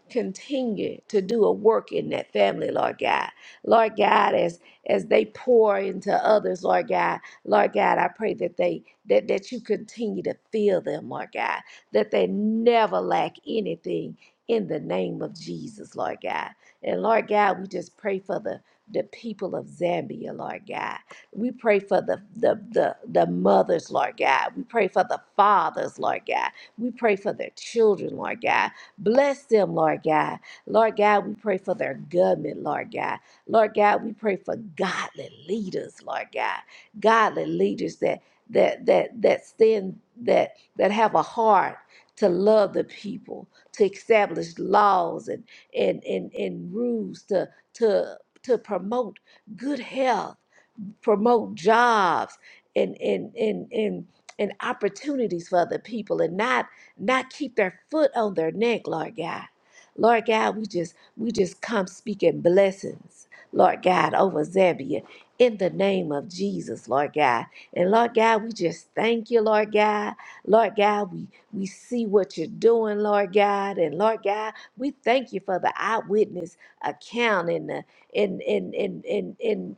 [SPEAKER 4] continue to do a work in that family, Lord God. Lord God, as as they pour into others, Lord God, Lord God, I pray that they that that you continue to fill them, Lord God, that they never lack anything in the name of Jesus, Lord God. And Lord God, we just pray for the the people of Zambia, Lord God. We pray for the the the, the mothers, Lord God. We pray for the fathers, Lord God. We pray for their children, Lord God. Bless them, Lord God. Lord God, we pray for their government, Lord God. Lord God, we pray for godly leaders, Lord God. Godly leaders that that that that stand that that have a heart to love the people, to establish laws and and and, and rules to to to promote good health promote jobs and and and and and opportunities for other people and not not keep their foot on their neck, Lord God. Lord God, we just we just come speaking blessings, Lord God, over Zambia in the name of Jesus, Lord God. And Lord God, we just thank you, Lord God. Lord God, we we see what you're doing, Lord God. And Lord God, we thank you for the eyewitness account and the in in in in in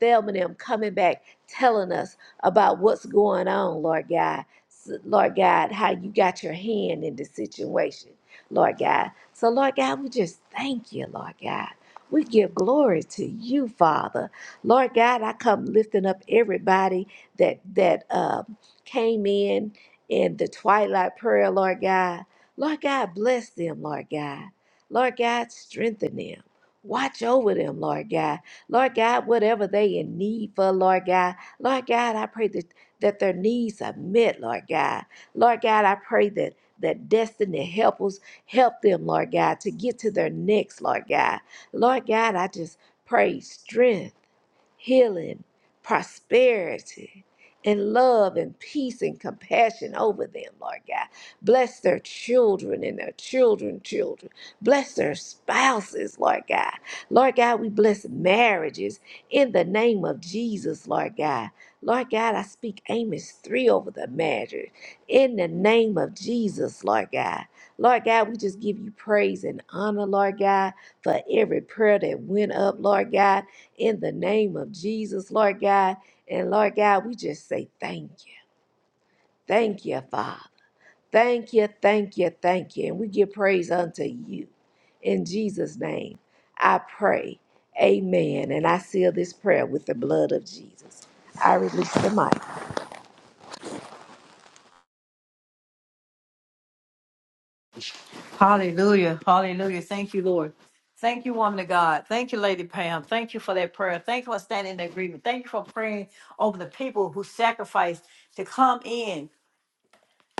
[SPEAKER 4] Thelma and them coming back telling us about what's going on, Lord God. S- Lord God, how you got your hand in the situation, Lord God. So, Lord God, we just thank you, Lord God. We give glory to you, Father. Lord God, I come lifting up everybody that that um, came in in the twilight prayer, Lord God. Lord God, bless them, Lord God. Lord God, strengthen them. Watch over them, Lord God. Lord God, whatever they in need for, Lord God. Lord God, I pray that, that their needs are met, Lord God. Lord God, I pray that that destiny help us help them, Lord God, to get to their next, Lord God. Lord God, I just pray strength healing, prosperity, and love and peace and compassion over them, Lord God. Bless their children and their children, children. Bless their spouses, Lord God. Lord God, we bless marriages in the name of Jesus, Lord God. Lord God, I speak Amos 3 over the marriage in the name of Jesus, Lord God. Lord God, we just give you praise and honor, Lord God, for every prayer that went up, Lord God in the name of Jesus, Lord God. And Lord God, we just say thank you. Thank you, Father. Thank you, thank you, thank you. And we give praise unto you. In Jesus' name, I pray. Amen. And I seal this prayer with the blood of Jesus. I release the mic.
[SPEAKER 1] Hallelujah. Hallelujah. Thank you, Lord. Thank you, woman of God. Thank you, Lady Pam. Thank you for that prayer. Thank you for standing in agreement. Thank you for praying over the people who sacrificed to come in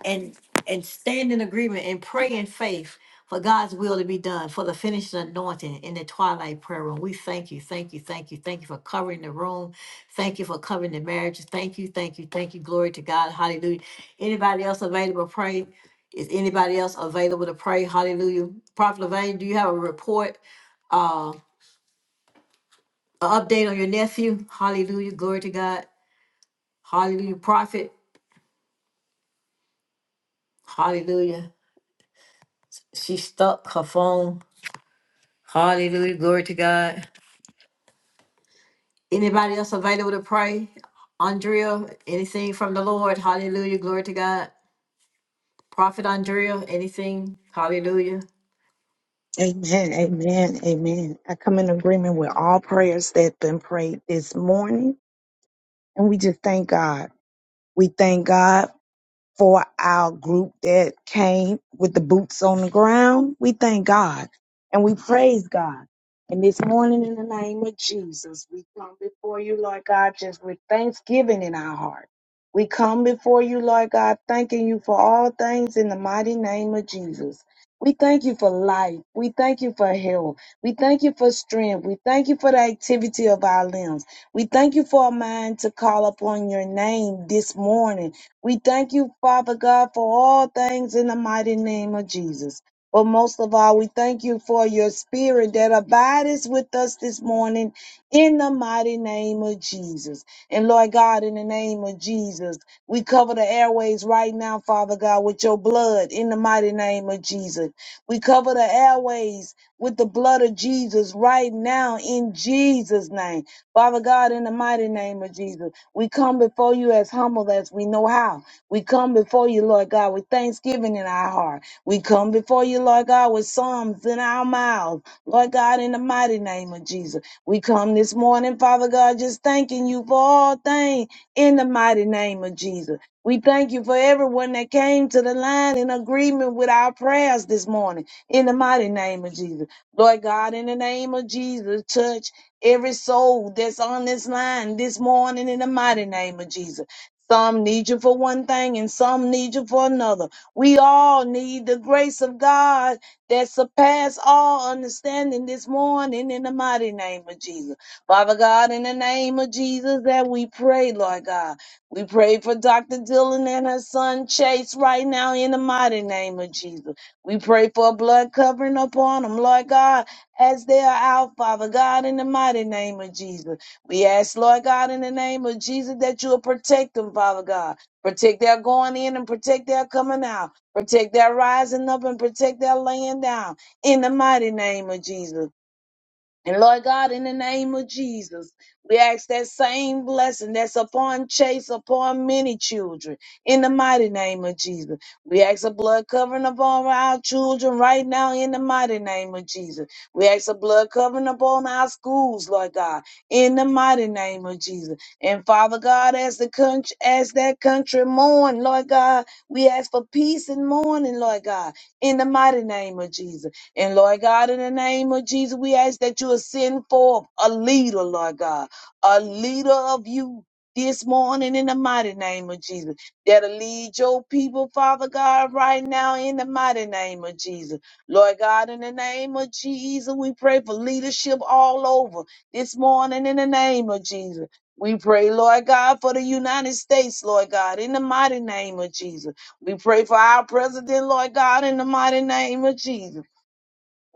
[SPEAKER 1] and and stand in agreement and pray in faith for God's will to be done, for the finished anointing in the twilight prayer room. We thank you, thank you, thank you, thank you for covering the room. Thank you for covering the marriages. Thank you, thank you, thank you. Glory to God. Hallelujah. Anybody else available to pray? Is anybody else available to pray? Hallelujah. Prophet Levine, do you have a report, uh, an update on your nephew? Hallelujah. Glory to God. Hallelujah. Prophet. Hallelujah. She stuck her phone. Hallelujah. Glory to God. Anybody else available to pray? Andrea, anything from the Lord? Hallelujah. Glory to God. Prophet Andrea, anything? Hallelujah.
[SPEAKER 5] Amen, amen, amen. I come in agreement with all prayers that have been prayed this morning, and we just thank God. We thank God for our group that came with the boots on the ground. We thank God and we praise God. And this morning, in the name of Jesus, we come before you, Lord God, just with thanksgiving in our heart. We come before you, Lord God, thanking you for all things in the mighty name of Jesus. We thank you for life. We thank you for health. We thank you for strength. We thank you for the activity of our limbs. We thank you for a mind to call upon your name this morning we thank you, Father God, for all things in the mighty name of Jesus. But most of all, we thank you for your spirit that abides with us this morning in the mighty name of Jesus. And Lord God, in the name of Jesus, we cover the airways right now, Father God, with your blood in the mighty name of Jesus. We cover the airways with the blood of Jesus right now in Jesus' name. Father God, in the mighty name of Jesus, we come before you as humble as we know how. We come before you, Lord God, with thanksgiving in our heart. We come before you, Lord God, with psalms in our mouths. Lord God, in the mighty name of Jesus, we come this morning, Father God, just thanking you for all things in the mighty name of Jesus. We thank you for everyone that came to the line in agreement with our prayers this morning in the mighty name of Jesus. Lord God, in the name of Jesus, touch every soul that's on this line this morning in the mighty name of Jesus. Some need you for one thing and some need you for another. We all need the grace of God that surpass all understanding this morning in the mighty name of Jesus. Father God, in the name of Jesus that we pray, Lord God. We pray for Dr. Dillon and her son Chase right now in the mighty name of Jesus. We pray for a blood covering upon them, Lord God as they are out, Father God, in the mighty name of Jesus. We ask, Lord God, in the name of Jesus, that you will protect them, Father God. Protect their going in and protect their coming out. Protect their rising up and protect their laying down. In the mighty name of Jesus. And Lord God, in the name of Jesus, we ask that same blessing that's upon Chase, upon many children, in the mighty name of Jesus. We ask a blood covering upon our children right now, in the mighty name of Jesus. We ask a blood covering upon our schools, Lord God, in the mighty name of Jesus. And Father God, as the country, as that country mourn, Lord God, we ask for peace and mourning, Lord God, in the mighty name of Jesus. And Lord God, in the name of Jesus, we ask that you will send forth a leader, Lord God, a leader of you this morning in the mighty name of Jesus. That'll lead your people, Father God, right now in the mighty name of Jesus. Lord God, in the name of Jesus, we pray for leadership all over this morning in the name of Jesus. We pray, Lord God, for the United States, Lord God, in the mighty name of Jesus. We pray for our president, Lord God, in the mighty name of Jesus.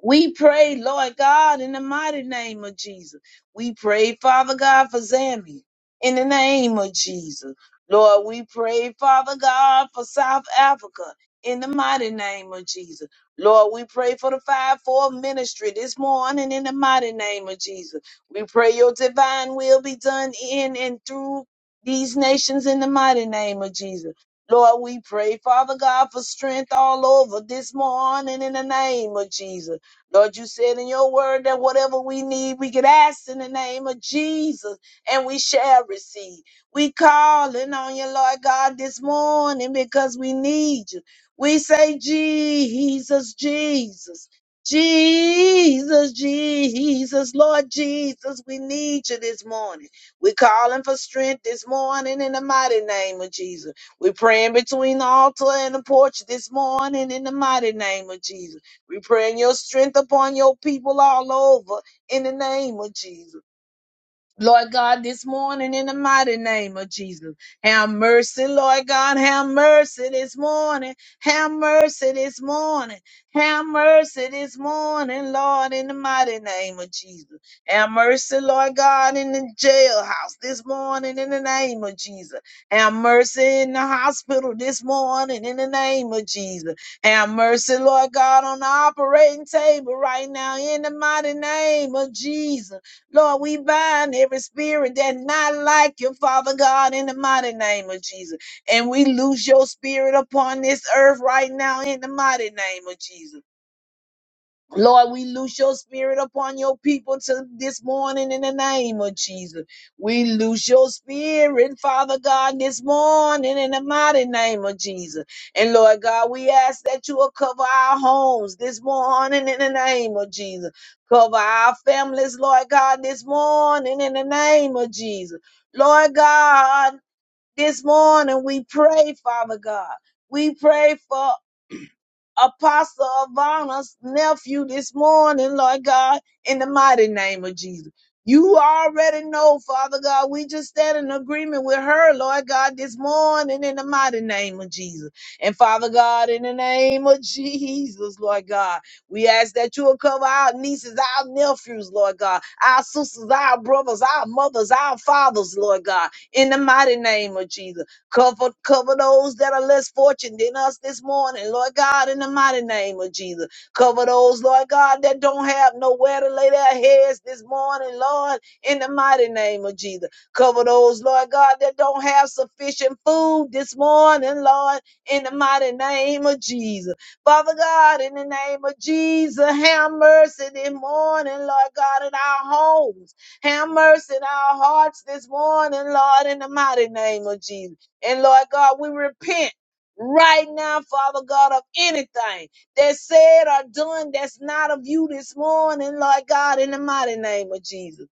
[SPEAKER 5] We pray, Lord God, in the mighty name of Jesus. We pray, Father God, for Zambia in the name of Jesus. Lord, we pray, Father God, for South Africa in the mighty name of Jesus. Lord, we pray for the 5 4 ministry this morning in the mighty name of Jesus. We pray your divine will be done in and through these nations in the mighty name of Jesus. Lord, we pray, Father God, for strength all over this morning in the name of Jesus. Lord, you said in your word that whatever we need, we can ask in the name of Jesus and we shall receive. We calling on you, Lord God, this morning because we need you. We say, Jesus, Jesus, Jesus, Jesus, Lord Jesus, we need you this morning. We're calling for strength this morning in the mighty name of Jesus. We're praying between the altar and the porch this morning in the mighty name of Jesus. We praying your strength upon your people all over in the name of Jesus. Lord God, this morning in the mighty name of Jesus. Have mercy, Lord God. Have mercy this morning. Have mercy this morning. Have mercy this morning, Lord, in the mighty name of Jesus. Have mercy, Lord God, in the jailhouse this morning in the name of Jesus. Have mercy in the hospital this morning in the name of Jesus. Have mercy, Lord God, on the operating table right now in the mighty name of Jesus. Lord, we bind every spirit that not like you, Father God, in the mighty name of Jesus. And we lose your spirit upon this earth right now in the mighty name of Jesus. Lord, we loose your spirit upon your people to this morning in the name of Jesus. We loose your spirit, Father God, this morning in the mighty name of Jesus. And Lord God, we ask that you will cover our homes this morning in the name of Jesus. Cover our families, Lord God, this morning in the name of Jesus. Lord God, this morning we pray, Father God. We pray for Apostle Ivana's nephew this morning, Lord God, in the mighty name of Jesus. You already know, Father God, we just stand in agreement with her, Lord God, this morning in the mighty name of Jesus. And Father God, in the name of Jesus, Lord God, we ask that you will cover our nieces, our nephews, Lord God, our sisters, our brothers, our mothers, our fathers, Lord God, in the mighty name of Jesus. Cover, cover those that are less fortunate than us this morning, Lord God, in the mighty name of Jesus. Cover those, Lord God, that don't have nowhere to lay their heads this morning, Lord, in the mighty name of Jesus. Cover those, Lord God, that don't have sufficient food this morning, Lord, in the mighty name of Jesus. Father God, in the name of Jesus, have mercy this morning, Lord God, in our homes. Have mercy in our hearts this morning, Lord, in the mighty name of Jesus. And Lord God, we repent right now, Father God, of anything that said or done that's not of you this morning, Lord God, in the mighty name of Jesus.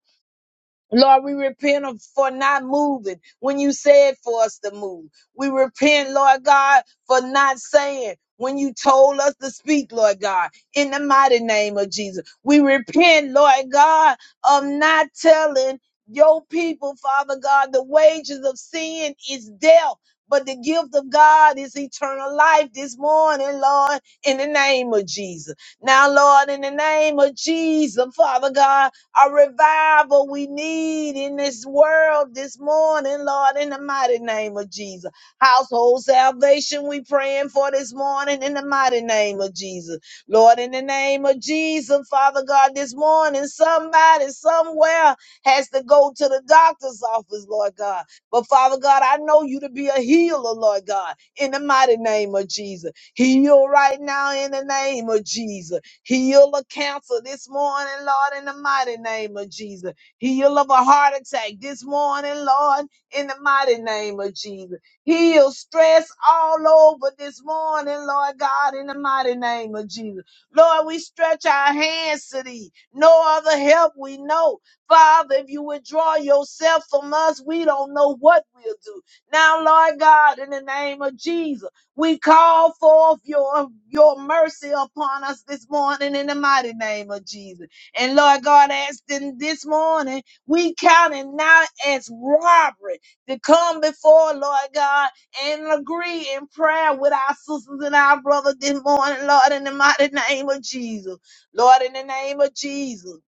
[SPEAKER 5] Lord, we repent of- for not moving when you said for us to move. We repent, Lord God, for not saying when you told us to speak, Lord God, in the mighty name of Jesus. We repent, Lord God, of not telling your people, Father God, the wages of sin is death. But the gift of God is eternal life this morning, Lord, in the name of Jesus. Now, Lord, in the name of Jesus, Father God, a revival we need in this world this morning, Lord, in the mighty name of Jesus. Household salvation we praying for this morning in the mighty name of Jesus. Lord, in the name of Jesus, Father God, this morning somebody somewhere has to go to the doctor's office, Lord God. But Father God, I know you to be a healer, Lord God, in the mighty name of Jesus. Heal right now in the name of Jesus. Heal a cancer this morning, Lord, in the mighty name of Jesus. Heal of a heart attack this morning, Lord, in the mighty name of Jesus. Heal stress all over this morning, Lord God, in the mighty name of Jesus. Lord, we stretch our hands to thee. No other help we know. Father, if you withdraw yourself from us, we don't know what we'll do. Now, Lord God, in the name of Jesus. We call forth your, your mercy upon us this morning in the mighty name of Jesus. And Lord God, as in this morning, we count it now as robbery to come before Lord God and agree in prayer with our sisters and our brothers this morning, Lord, in the mighty name of Jesus. Lord, in the name of Jesus.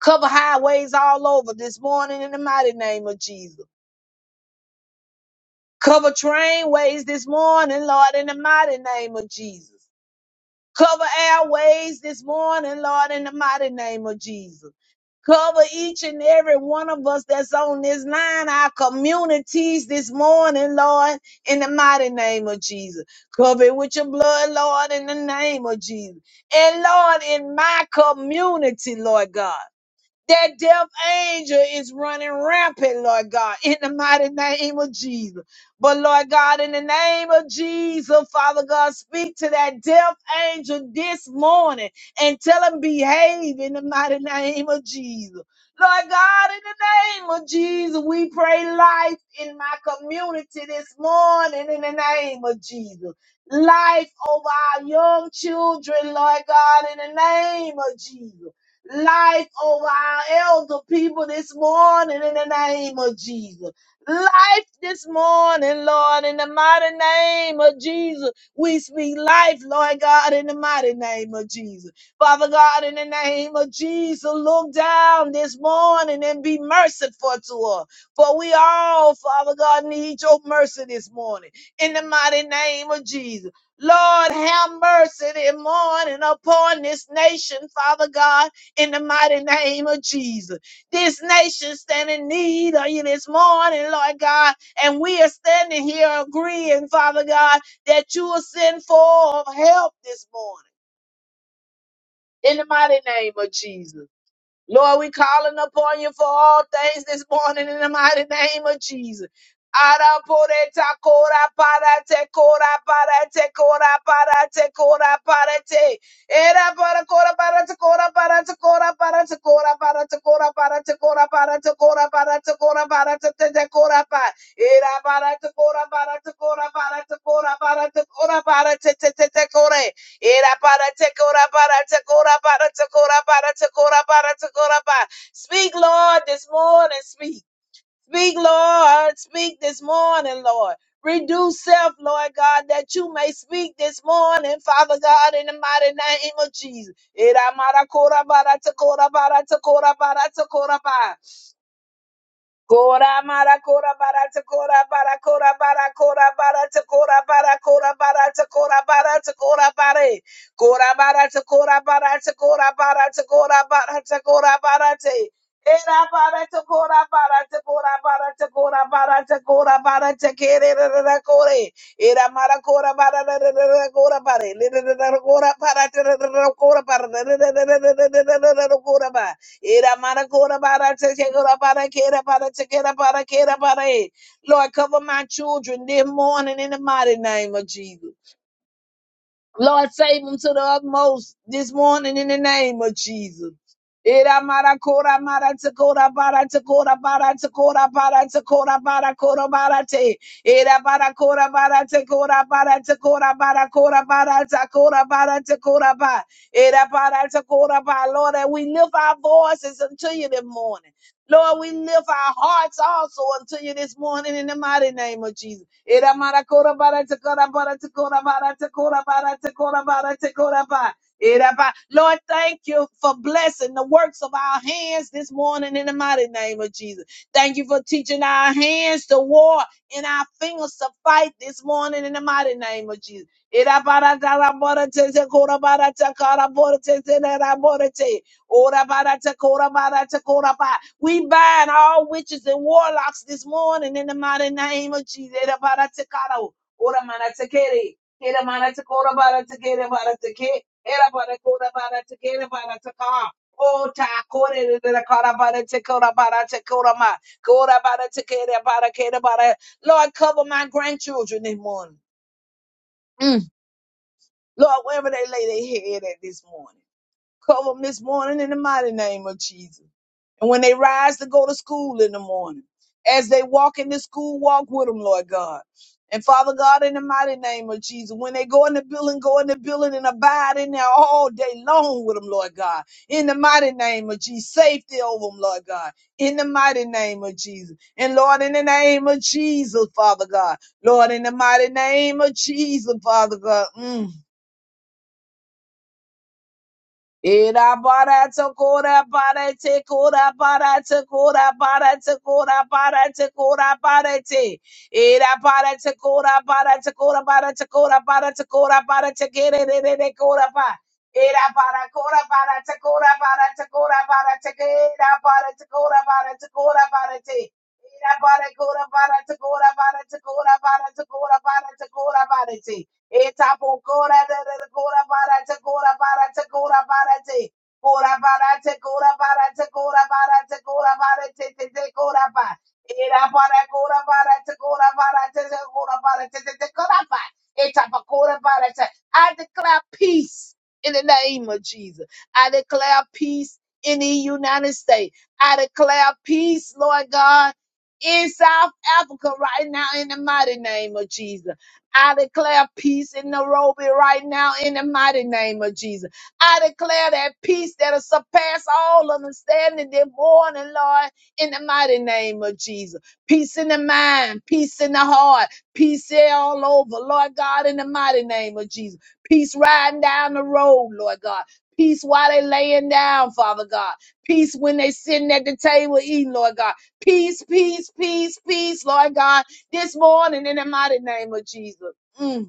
[SPEAKER 5] Cover highways all over this morning in the mighty name of Jesus. Cover trainways this morning, Lord, in the mighty name of Jesus. Cover airways this morning, Lord, in the mighty name of Jesus. Cover each and every one of us that's on this line, our communities this morning, Lord, in the mighty name of Jesus. Cover it with your blood, Lord, in the name of Jesus. And Lord, in my community, Lord God. That death angel is running rampant, Lord God, in the mighty name of Jesus. But Lord God, in the name of Jesus, Father God, speak to that death angel this morning and tell him behave in the mighty name of Jesus. Lord God, in the name of Jesus, we pray life in my community this morning in the name of Jesus. Life over our young children, Lord God, in the name of Jesus Life over our elder people this morning in the name of Jesus. Life this morning, Lord, in the mighty name of Jesus. We speak life, Lord God, in the mighty name of Jesus. Father God, in the name of Jesus, look down this morning and be merciful to us. For we all, Father God, need your mercy this morning in the mighty name of Jesus. Lord, have mercy this morning upon this nation, Father God in the mighty name of Jesus. This nation stand in need of you this morning, Lord God, and we are standing here agreeing, Father God, that you will send forth help this morning in the mighty name of Jesus. Lord, we calling upon you for all things this morning in the mighty name of Jesus. Ara pore ta kora para te kora para te kora para te kora para te. Era para kora para te kora para te kora para te kora para te kora para te kora para te kora para te kora para te te te kora pa. Era para te kora para te kora para te kora para te kora para te te te te kore. Era para te cora para te cora para te cora para te cora para te cora para. Speak, Lord, this morning. Speak. Speak, Lord. Speak this morning, Lord. Reduce self, Lord God, that you may speak this morning, Father God, in the mighty name of Jesus. Era mara cora para te cora para te cora para te cora para. Kora mara kora bara to kora bara kora bara kora bara to kora bara kora bara to kora bara to kora bara kora bara to kora bara to kora bara to kora bara to kora bara te era bara to kora bara to kora bara to kora bara to kora bara te kere re kore era mara kora bara re kora bara re kora bara te kora bara re kora bara Ira mara kora bara te kora bara kera bara te kera bara kera bara e. Lord, cover my children this morning in the mighty name of Jesus. Lord, save them to the utmost this morning in the name of Jesus. Era mara kora mara takora bara takora bara takora bara takora bara kora bara te. Era bara kora bara takora bara takora bara kora bara takora bara takora bara. Era bara takora bara. Lord, and we lift our voices unto you this morning. Lord, we lift our hearts also unto you this morning in the mighty name of Jesus. Lord, thank you for blessing the works of our hands this morning in the mighty name of Jesus. Thank you for teaching our hands to war and our fingers to fight this morning in the mighty name of Jesus. Era bara te kora bara te kora bara we bind all witches and warlocks this morning in the mighty name of Jesus. Ere bara te kara, ora mana te kere, ere mana te kora bara te kere bara te ke, ere bara kora bara te kere bara te ka. O ta kore re re kara bara te kora bara te kora ma, kora bara te kere bara kere bara. Lord, cover my grandchildren this morning. Mm. Lord, wherever they lay their head at this morning. Cover them this morning in the mighty name of Jesus. And when they rise to go to school in the morning, as they walk in the school, walk with them, Lord God. And Father God, in the mighty name of Jesus, when they go in the building, go in the building and abide in there all day long with them, Lord God. In the mighty name of Jesus, safety over them, Lord God. In the mighty name of Jesus. And Lord, in the name of Jesus, Father God. Lord, in the mighty name of Jesus, Father God. Mm. Ira para tokora para te kora para te kora para te kora para te para te Ira para te kora para te kora para te kora para re re re kora pa Ira para kora para te kora para te kora para te kera para te kora Ira para kora para te kora para te kora para te kora para te para te Etapo cora da da da cora para te cora para te cora para te cora para te cora para te cora para te cora para te te te cora pa era para cora para te cora para te te cora para te te te cora pa etapo cora para te I declare peace in the name of Jesus I declare peace in the United States I declare peace Lord God in South Africa right now in the mighty name of Jesus I declare peace in Nairobi right now in the mighty name of Jesus. I declare that peace that'll surpass all understanding this morning, Lord, in the mighty name of Jesus. Peace in the mind, peace in the heart, peace all over, Lord God, in the mighty name of Jesus. Peace riding down the road, Lord God. Peace while they laying down, Father God. Peace when they sitting at the table eating, Lord God. Peace, peace, peace, peace, Lord God this morning in the mighty name of Jesus. Mm.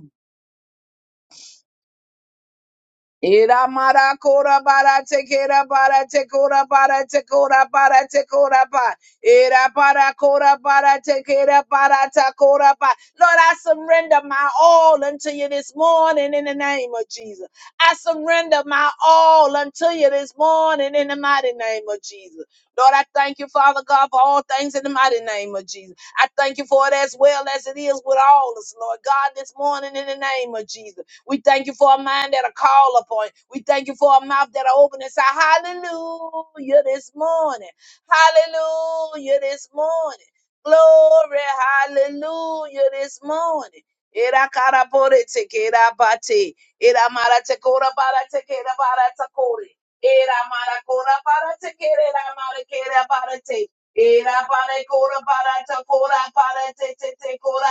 [SPEAKER 5] Ira mara kora bara tekera bara tekora bara tekora bara tekora ba. Ira bara kora bara tekera bara tekora ba. Lord, I surrender my all unto you this morning in the name of Jesus. I surrender my all unto you this morning in the mighty name of Jesus. Lord, I thank you, Father God, for all things in the mighty name of Jesus. I thank you for it as well as it is with all us, Lord God, this morning in the name of Jesus. We thank you for a mind that are call upon. We thank you for a mouth that are open and say, Hallelujah this morning. Hallelujah this morning. Glory, hallelujah this morning. Era cara por ete que era bate. Era mara te cora para te que era para te core. Era mara cora para te que era mara que era para te. Era para cora para te cora para te te te cora.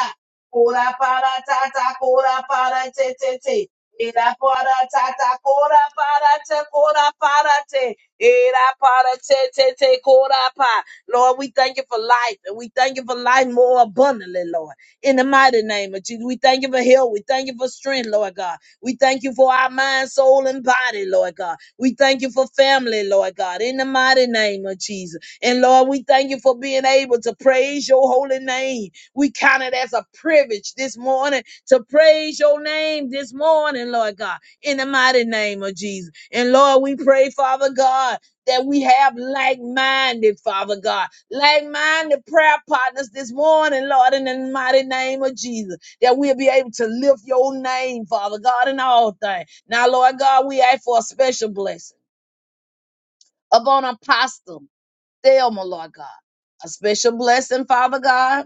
[SPEAKER 5] Kora para tata kora para te te te. Era para tata kora para te kora para te. Era para te te te kora pa. Lord, we thank you for life and we thank you for life more abundantly, Lord. In the mighty name of Jesus, we thank you for health. We thank you for strength, Lord God. We thank you for our mind, soul, and body, Lord God. We thank you for family, Lord God. In the mighty name of Jesus. And Lord, we thank you for being able to praise your holy name. We count it as a privilege this morning to praise your name this morning, Lord God, in the mighty name of Jesus. And Lord, we pray, Father God, that we have like minded, Father God, like minded prayer partners this morning, Lord, in the mighty name of Jesus, that we'll be able to lift your name, Father God, in all things. Now, Lord God, we ask for a special blessing upon Apostle. Thelma, Lord God. A special blessing, Father God,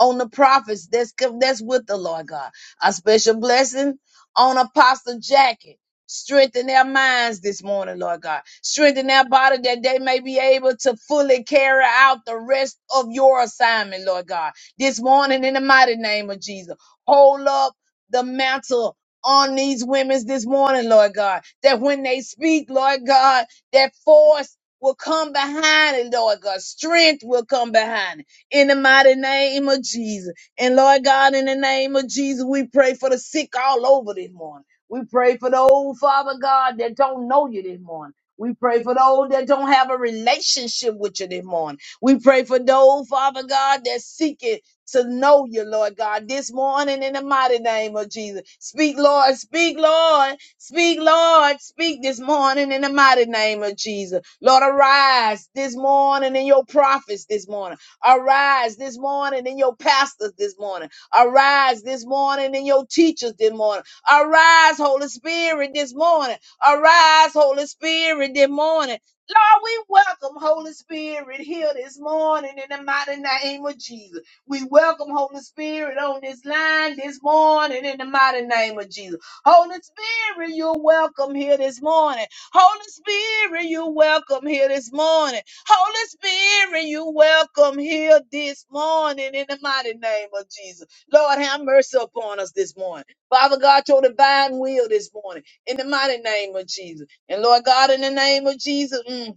[SPEAKER 5] on the prophets that's, that's with the Lord God. A special blessing on Apostle Jackie. Strengthen their minds this morning, Lord God. Strengthen their body that they may be able to fully carry out the rest of your assignment, Lord God. This morning, in the mighty name of Jesus, hold up the mantle on these women this morning, Lord God, that when they speak, Lord God, that force will come behind it, Lord God, strength will come behind it. in the mighty name of Jesus. And Lord God, in the name of Jesus, we pray for the sick all over this morning. We pray for those, Father God, that don't know you this morning. We pray for those that don't have a relationship with you this morning. We pray for those, Father God, that seek it to know you, Lord God, this morning in the mighty name of Jesus. Speak, Lord, speak, Lord. Speak, Lord. Speak this morning in the mighty name of Jesus. Lord, arise this morning in your prophets this morning. Arise this morning in your pastors this morning. Arise this morning in your teachers this morning. Arise, Holy Spirit, this morning. Arise, Holy Spirit, this morning. Lord, we welcome Holy Spirit here this morning in the mighty name of Jesus. We welcome Holy Spirit on this line this morning in the mighty name of Jesus. Holy Spirit. Spirit, you're welcome here this morning. Holy Spirit, you're welcome here this morning. Holy Spirit, you're welcome here this morning in the mighty name of Jesus. Lord, have mercy upon us this morning. Father God, your divine will this morning in the mighty name of Jesus. And Lord God, in the name of Jesus, mm,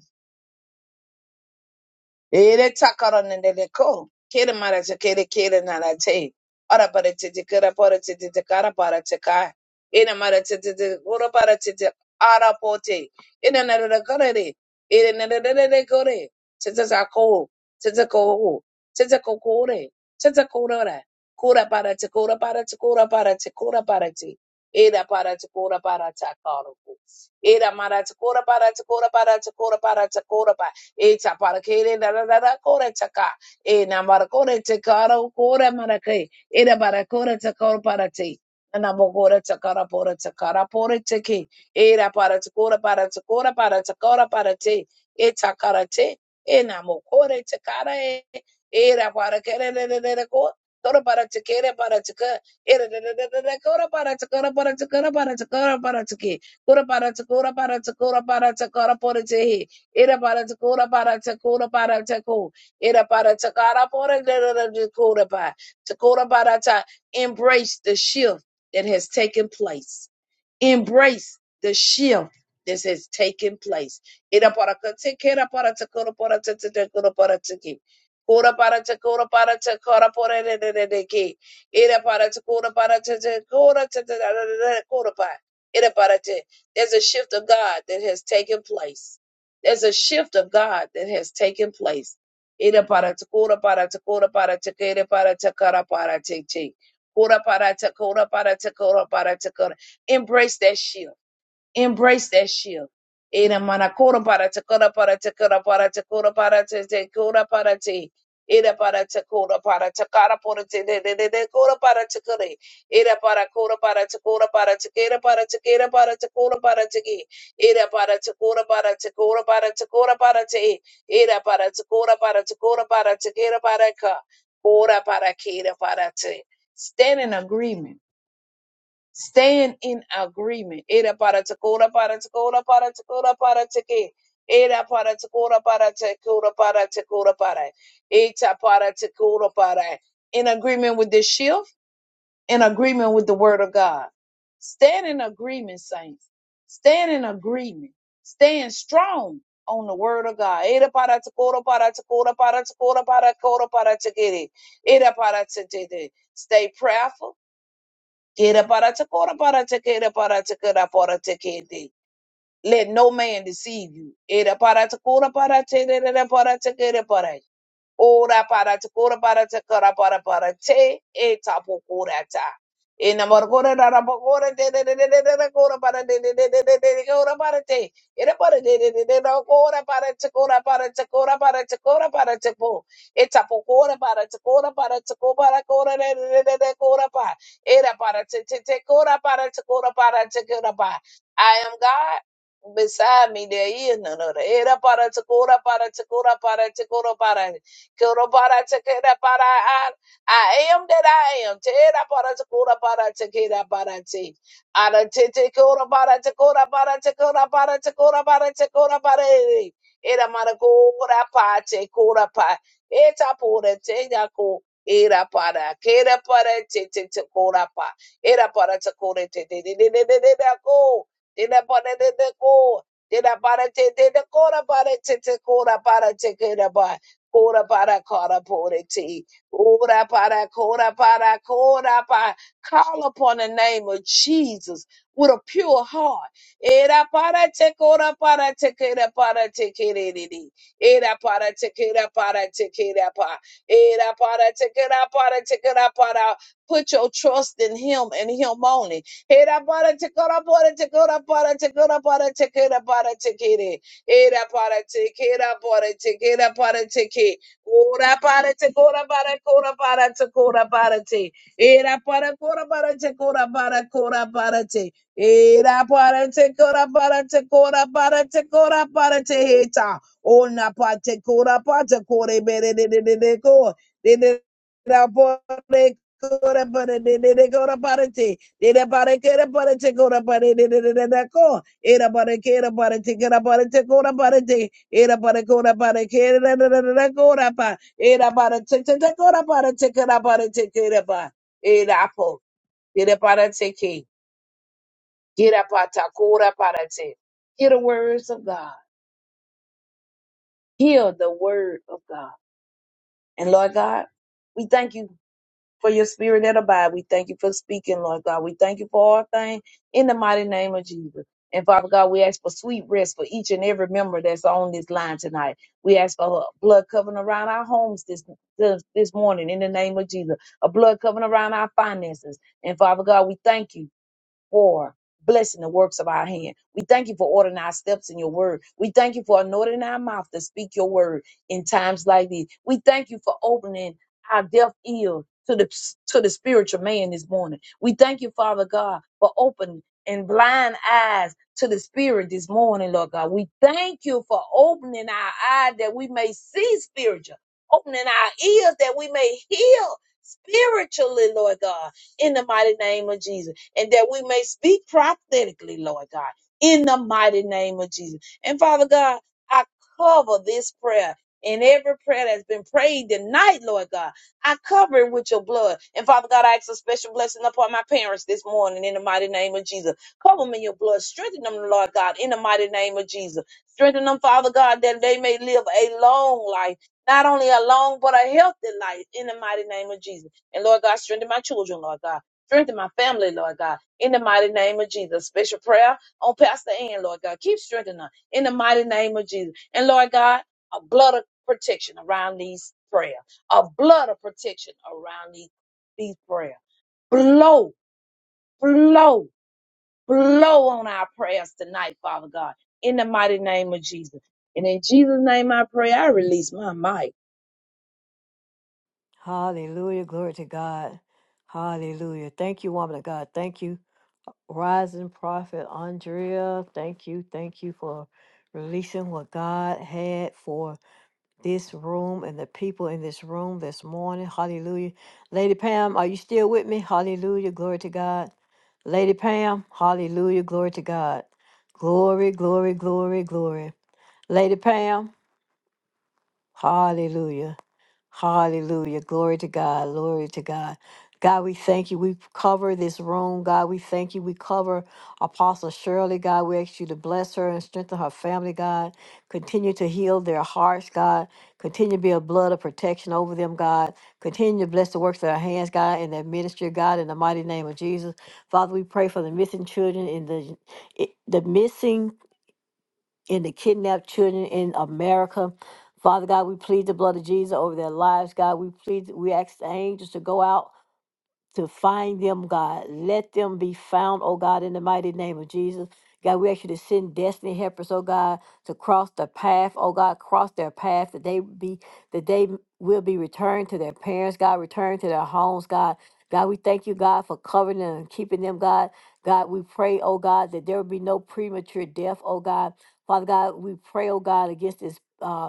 [SPEAKER 5] Ele takara nendele ko. Kere mara te kere kere nara te. Ora bara te te kera bara te te te kara bara te ka. Ene mara te te te ora bara te te ara pote. te. Ene nara da kore re. Ene nara da da da kore. Te te sa ko. Te te ko ho. Te te ko kore. Te te ko ora. Kura bara te kura bara te kura bara te kura bara te. Era para te kura bara te kara ko. Era mara te kura bara te kura bara te kura bara te kura bara. Eta parakere da da da da kore taka. E na marakore te karo kore marake. E na marakore te karo parate. Na mokore te kara pore te kara pore te ke. E ra para te kora para te kora para te para te. E ta te. E na mokore te e. E ra parakere le le le le ko. Tora para te kere para te ka. E ra le le le le le kora para te kora para te kora para te kora para te ke. Kora para te kora para te kora para te kora te Ira para te para te para te Ira para te kara pora de de para ta. Embrace the shift that has taken place. Embrace the shift that has taken place. Ira para kate, kera para te, kora para te, te te, kora para te ke. Kora para te, kora para te, kora para re re re re ke. Ira para te, kora para te, te, kora te te, ra ra ra ra, kora para. Ira para te. There's a shift of God that has taken place. There's a shift of God that has taken place. Ira para te, kora para te, kora para te, kera para te, kara para te te. Kora para te, kora para te, kora para te, kora para te, Embrace that shield. Embrace that shield. Ina mana kora para te kora para te kora para te kora para te te kora para te. Ira para te kora para te kara para te de de de de kora para te kore. Ira para kora para te kora para te kera para te kera para te kora para te ki. Ira para te kora para te kora para te kora para te. Ira para te kora para te kora para te kera para ka. Kora para kera para te. Stand in agreement Stand in agreement. Era para takora para takora para takora para take. Era para takora para takora para takora para. Eta para takora para. In agreement with this shift, in agreement with the word of God. Stand in agreement, saints. Stand in agreement. Stand strong on the word of God. Era para takora para takora para takora para takora para take. Era para take. Stay prayerful Kera para te kora para te kera para te kera para te kete. Let no man deceive you. Era para te kora para te re re re para te kere para. Ora para te kora para te kora para para te e tapo kora ta. E na margora na rapa de de de de de de te kora para de de de de de de kora para te. E na para de de de de de kora para te kora para te kora para te kora para te po. E tapo kora para te kora para te kora para kora de de de de de kora pa. E na para te te te kora para te kora para te kora pa. I am God beside me there is none other. Era para chakora para chakora para chakora para. Kurabaratakerabarai. I I am that I am. Teda para takura para takeda para te. Ara tete kura Terabaratagorabaratakerabarate. Aratetekorabaratagorabaratakerabaratagorabaratakerabarate. Eramaragorapatekorapa. Etaporeteyako. Eraparakeraparatetetekorapa. Eraparatekoreteteteteteko. Terabarateko. Terabarateko. Terabarateko. Terabarateko. Terabarateko. Kora para kara porete. Ora para kora para kora pa. Call upon the name of Jesus with a pure heart. Era para te kora para te kera para te kere Era para te kera para te kera pa. Era para te kera para te kera para. Put your trust in Him and Him only. Era para te kora para te kora para te kora para te kera para te kere. Era para te, era para te, era para te que. Ora para te, ora para, ora para te, ora para te. Era para, ora para te, ora para, ora para te. Era para te, ora para te, ora para te, ora para te. Heta. Ona para te, ora para te, ora bere de de de de ko. De de da pore ora para de de de ora para te. De de para, que ora para te, ora para de de de de ko. Era para kera era para te que era para te kora para te era para kora para kera era ra, ra, ra, ra, cora pa era para te te te kora para te kera era para te que era era po era para te que era para ta kora para te. Hear the words of God. Hear the word of God. And Lord God, we thank you for your spirit that abide. We thank you for speaking, Lord God. We thank you for all things in the mighty name of Jesus. And Father God, we ask for sweet rest for each and every member that's on this line tonight. We ask for a blood covering around our homes this, this this morning in the name of Jesus. A blood covering around our finances. And Father God, we thank you. For blessing the works of our hand. We thank you for ordering our steps in your word. We thank you for anointing our mouth to speak your word in times like these. We thank you for opening our deaf ear to the to the spiritual man this morning. We thank you, Father God, for opening and blind eyes to the spirit this morning, Lord God. We thank you for opening our eyes that we may see spiritual, opening our ears that we may hear spiritually, Lord God, in the mighty name of Jesus and that we may speak prophetically, Lord God, in the mighty name of Jesus. And Father God, I cover this prayer. And every prayer that's been prayed tonight, Lord God, I cover it with your blood. And Father God, I ask a special blessing upon my parents this morning in the mighty name of Jesus. Cover them in your blood. Strengthen them, Lord God, in the mighty name of Jesus. Strengthen them, Father God, that they may live a long life not only a long but a healthy life in the mighty name of Jesus. And Lord God, strengthen my children, Lord God. Strengthen my family, Lord God. In the mighty name of Jesus. Special prayer on Pastor Ann, Lord God. Keep strengthening her. In the mighty name of Jesus. And Lord God, a blood of protection around these prayer. A blood of protection around these, these prayer. Blow, blow, blow on our prayers tonight, Father God. In the mighty name of Jesus. And in Jesus' name I pray, I release my mic.
[SPEAKER 1] Hallelujah. Glory to God. Hallelujah. Thank you, woman of God. Thank you, rising prophet Andrea. Thank you. Thank you for releasing what God had for. this room and the people in this room this morning. Hallelujah. Lady Pam, are you still with me? Hallelujah. Glory to God. Lady Pam, hallelujah. Glory to God. Glory, glory, glory, glory. Lady Pam, hallelujah. Hallelujah. Glory to God. Glory to God. God, we thank you. We cover this room. God, we thank you. We cover Apostle Shirley. God, we ask you to bless her and strengthen her family, God. Continue to heal their hearts, God. Continue to be a blood of protection over them, God. Continue to bless the works of their hands, God, and their ministry, God, in the mighty name of Jesus. Father, we pray for the missing children in the, the missing and the kidnapped children in America. Father God, we plead the blood of Jesus over their lives. God, we plead, we ask the angels to go out to find them, God. Let them be found, oh God, in the mighty name of Jesus. God, we ask you to send destiny helpers, oh God, to cross the path, oh God, cross their path that they be that they will be returned to their parents, God, returned to their homes, God. God, we thank you, God, for covering them and keeping them, God. God, we pray, oh God, that there will be no premature death, oh God. Father God, we pray, oh God, against this. uh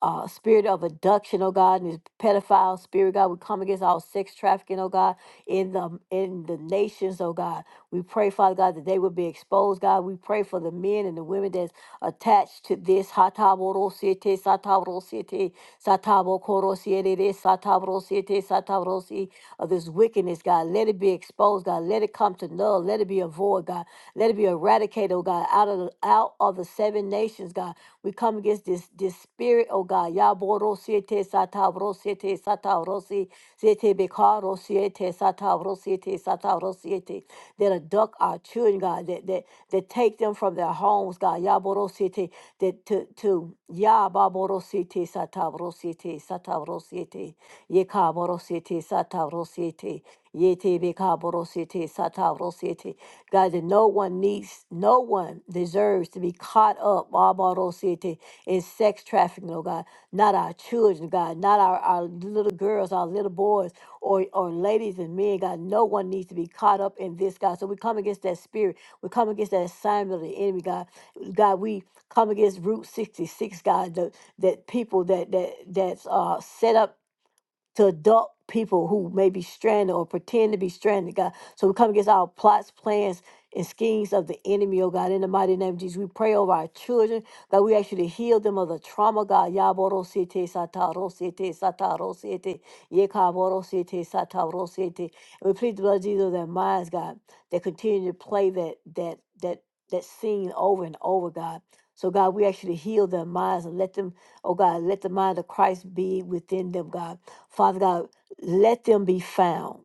[SPEAKER 1] uh, spirit of abduction, oh God, and this pedophile spirit, God, we come against all sex trafficking, oh God, in the in the nations, oh God. We pray, Father God, that they will be exposed, God. We pray for the men and the women that's attached to this. Hataborosiete, sataborosiete, satabokorosiete, sataborosiete, sataborosi, Of this wickedness, God. Let it be exposed, God. Let it come to null. Let it be avoid, God. Let it be eradicated, oh God, out of the, out of the seven nations, God. We come against this this spirit, oh God. Yaboro siete satavro siete satavro si siete bekaro siete satavro siete satavro siete that abduct our children, God, that that that take them from their homes, God. Yaboro siete that to to Yababoro siete satavro siete satavro siete Yekaboro siete satavro siete Yete beka borosete sata rosete. God, that no one needs, no one deserves to be caught up ah, borosete, in sex trafficking, oh God. Not our children, God, not our, our little girls, our little boys, or, or ladies and men, God. No one needs to be caught up in this, God. So we come against that spirit. We come against that assignment of the enemy, God. God, we come against Route 66, God, the, that people that that that's uh, set up to adult people who may be stranded or pretend to be stranded, God. So we come against our plots, plans, and schemes of the enemy, oh God. In the mighty name of Jesus, we pray over our children. God, we ask you to heal them of the trauma, God. Yaborosete satarosete satarosete yekaborosete satarosete. And we plead the blood of Jesus of their minds, God, that continue to play that that that that scene over and over, God. So God, we ask you to heal their minds and let them, oh God, let the mind of Christ be within them, God. Father God, let them be found.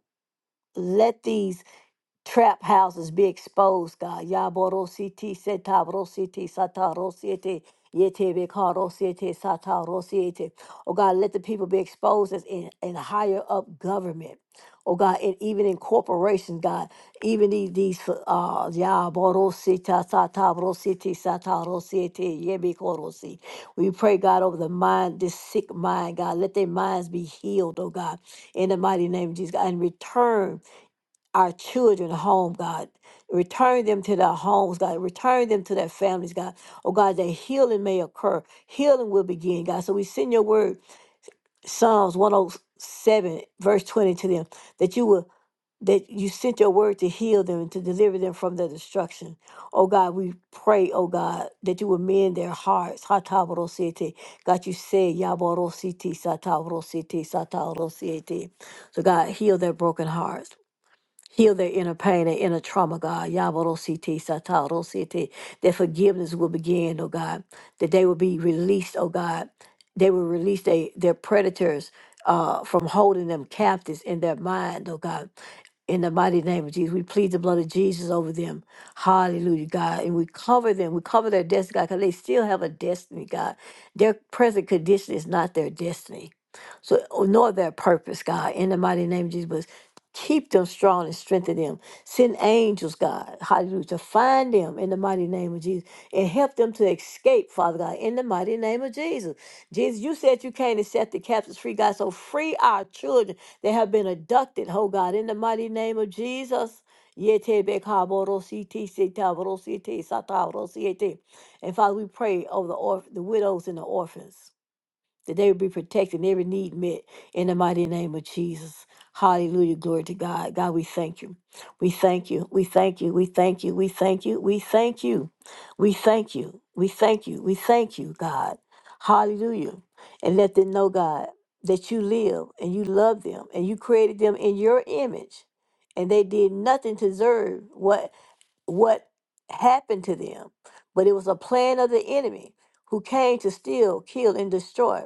[SPEAKER 1] Let these trap houses be exposed, God. Yaboro siti setabro siti sataro siti yete bekaro Oh God, let the people be exposed as in, in higher up government. Oh God, and even in corporations, God, even these these uh yaboro sita satabro siti sataro siti yebekoro si. We pray, God, over the mind, this sick mind, God. Let their minds be healed, oh God, in the mighty name of Jesus, God, and return our children home, God. Return them to their homes, God. Return them to their families, God. Oh, God, that healing may occur. Healing will begin, God. So we send your word, Psalms 107, verse 20 to them, that you will that you sent your word to heal them and to deliver them from their destruction. Oh God, we pray, oh God, that you will mend their hearts. Hatabrosete. God, you said, Yaborositi, Satabrositi, Satabrosete. So God, heal their broken hearts. Heal their inner pain and inner trauma, God. Yabarositi, satarositi. Their forgiveness will begin, oh God. That they will be released, oh God. They will release they, their predators uh, from holding them captives in their mind, oh God. In the mighty name of Jesus, we plead the blood of Jesus over them. Hallelujah, God. And we cover them. We cover their destiny, God, because they still have a destiny, God. Their present condition is not their destiny. So, nor their purpose, God. In the mighty name of Jesus. Keep them strong and strengthen them. Send angels, God, hallelujah, to find them in the mighty name of Jesus and help them to escape, Father God, in the mighty name of Jesus. Jesus, you said you came to set the captives free, God. So free our children that have been abducted, oh God, in the mighty name of Jesus. Yetebekaborositi, sitaborositi, sataborositi. And Father, we pray over the orph- the widows and the orphans that they would be protected and every need met in the mighty name of Jesus. Hallelujah. Glory to God. God, we thank you. We thank you. We thank you. We thank you. We thank you. We thank you. We thank you. We thank you. We thank you, God. Hallelujah. And let them know, God, that you live and you love them and you created them in your image. And they did nothing to deserve what what happened to them. But it was a plan of the enemy who came to steal, kill, and destroy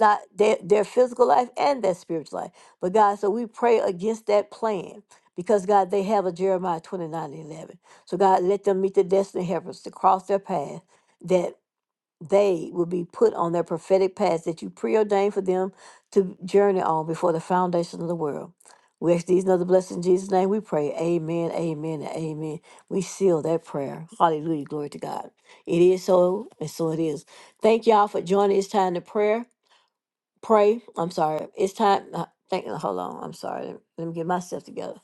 [SPEAKER 1] not their, their physical life and their spiritual life. But God, so we pray against that plan because God, they have a Jeremiah 29 and 11. So God, let them meet the destiny helpers to cross their path that they will be put on their prophetic path that you preordained for them to journey on before the foundation of the world. We ask these and other blessings in Jesus' name. We pray. Amen, amen, and amen. We seal that prayer. Hallelujah. Glory to God. It is so, and so it is. Thank y'all for joining this time to prayer pray. I'm sorry. It's time. uh, Thank you. Hold on. I'm sorry. Let let me get myself together.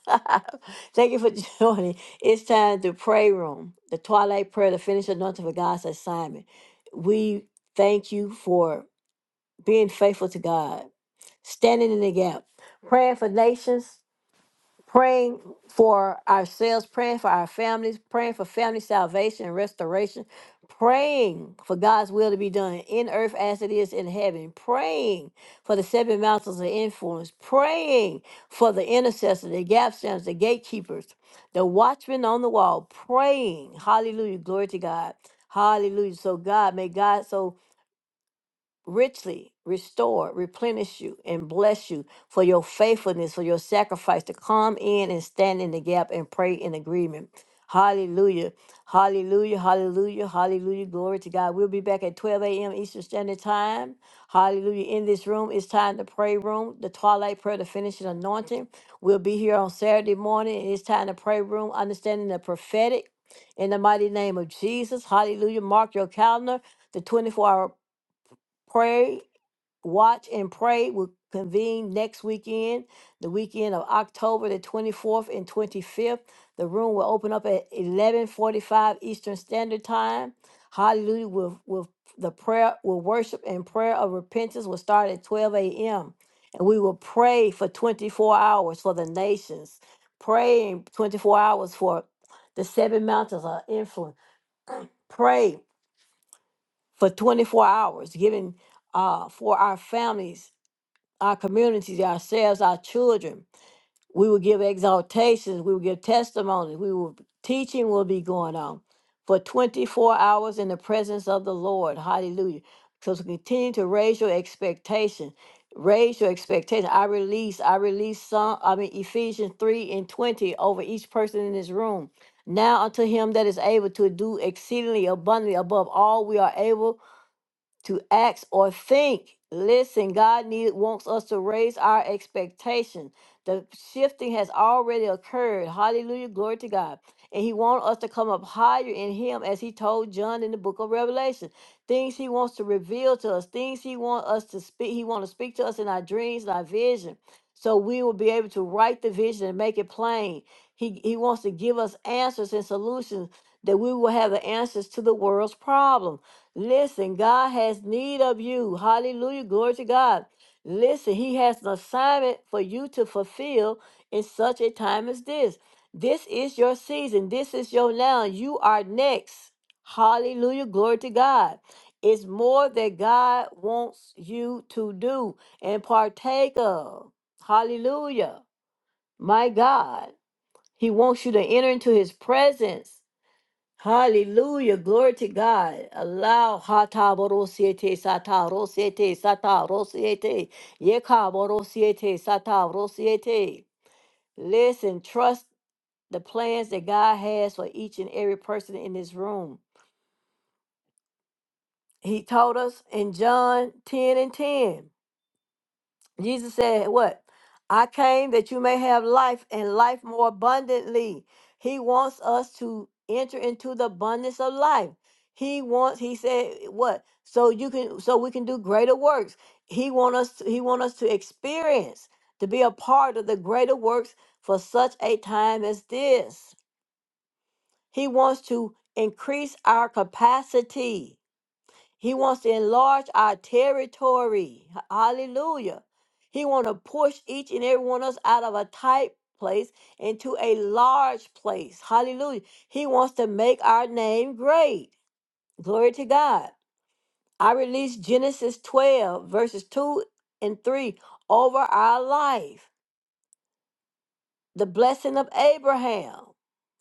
[SPEAKER 1] Thank you for joining. It's time to pray room, the twilight prayer, the finished anointing for God's assignment. We thank you for being faithful to God, standing in the gap, praying for nations, praying for ourselves, praying for our families, praying for family salvation and restoration, praying for God's will to be done in earth as it is in heaven, praying for the seven mountains of influence, praying for the intercessors, the gap standers, the gatekeepers, the watchmen on the wall, praying. Hallelujah. Glory to God. Hallelujah. So God, may God so richly restore, replenish you, and bless you for your faithfulness, for your sacrifice to come in and stand in the gap and pray in agreement. Hallelujah. Hallelujah. Hallelujah. Hallelujah. Glory to God. We'll be back at 12 a.m. Eastern Standard Time. Hallelujah. In this room, it's time to pray room, the twilight prayer, the finishing anointing. We'll be here on Saturday morning. and It's time to pray room, understanding the prophetic. In the mighty name of Jesus. Hallelujah. Mark your calendar. The 24 hour pray Watch and Pray will convene next weekend, the weekend of October the 24th and 25th. The room will open up at 11:45 Eastern Standard Time. Hallelujah! With with the prayer, will worship and prayer of repentance will start at 12 a.m. and we will pray for 24 hours for the nations. Praying 24 hours for the seven mountains of influence. Pray for 24 hours, giving uh, for our families our communities, ourselves, our children. We will give exaltations. We will give testimonies. We will teaching will be going on for 24 hours in the presence of the Lord. Hallelujah. Because we continue to raise your expectation. Raise your expectation. I release, I release some, I mean Ephesians 3 and 20 over each person in this room. Now unto him that is able to do exceedingly abundantly above all we are able to act or think. Listen, God need, wants us to raise our expectation. The shifting has already occurred. Hallelujah. Glory to God. And He wants us to come up higher in Him as He told John in the book of Revelation. Things He wants to reveal to us, things He wants us to speak. He wants to speak to us in our dreams and our vision. So we will be able to write the vision and make it plain. He, he wants to give us answers and solutions that we will have the answers to the world's problem. Listen, God has need of you. Hallelujah. Glory to God. Listen, He has an assignment for you to fulfill in such a time as this. This is your season. This is your now. You are next. Hallelujah. Glory to God. It's more that God wants you to do and partake of. Hallelujah. My God. He wants you to enter into his presence. Hallelujah. Glory to God. Allow Hata Borosiete Sata Rosiete Sata Rosiete. Yeka Borosiete Sata Rosiete. Listen, trust the plans that God has for each and every person in this room. He told us in John 10 and 10. Jesus said, What? I came that you may have life and life more abundantly. He wants us to enter into the abundance of life. He wants, he said, what? So you can so we can do greater works. He want us to, he want us to experience, to be a part of the greater works for such a time as this. He wants to increase our capacity. He wants to enlarge our territory. H- Hallelujah. He wants to push each and every one of us out of a tight place into a large place. Hallelujah. He wants to make our name great. Glory to God. I release Genesis 12, verses 2 and 3 over our life. The blessing of Abraham.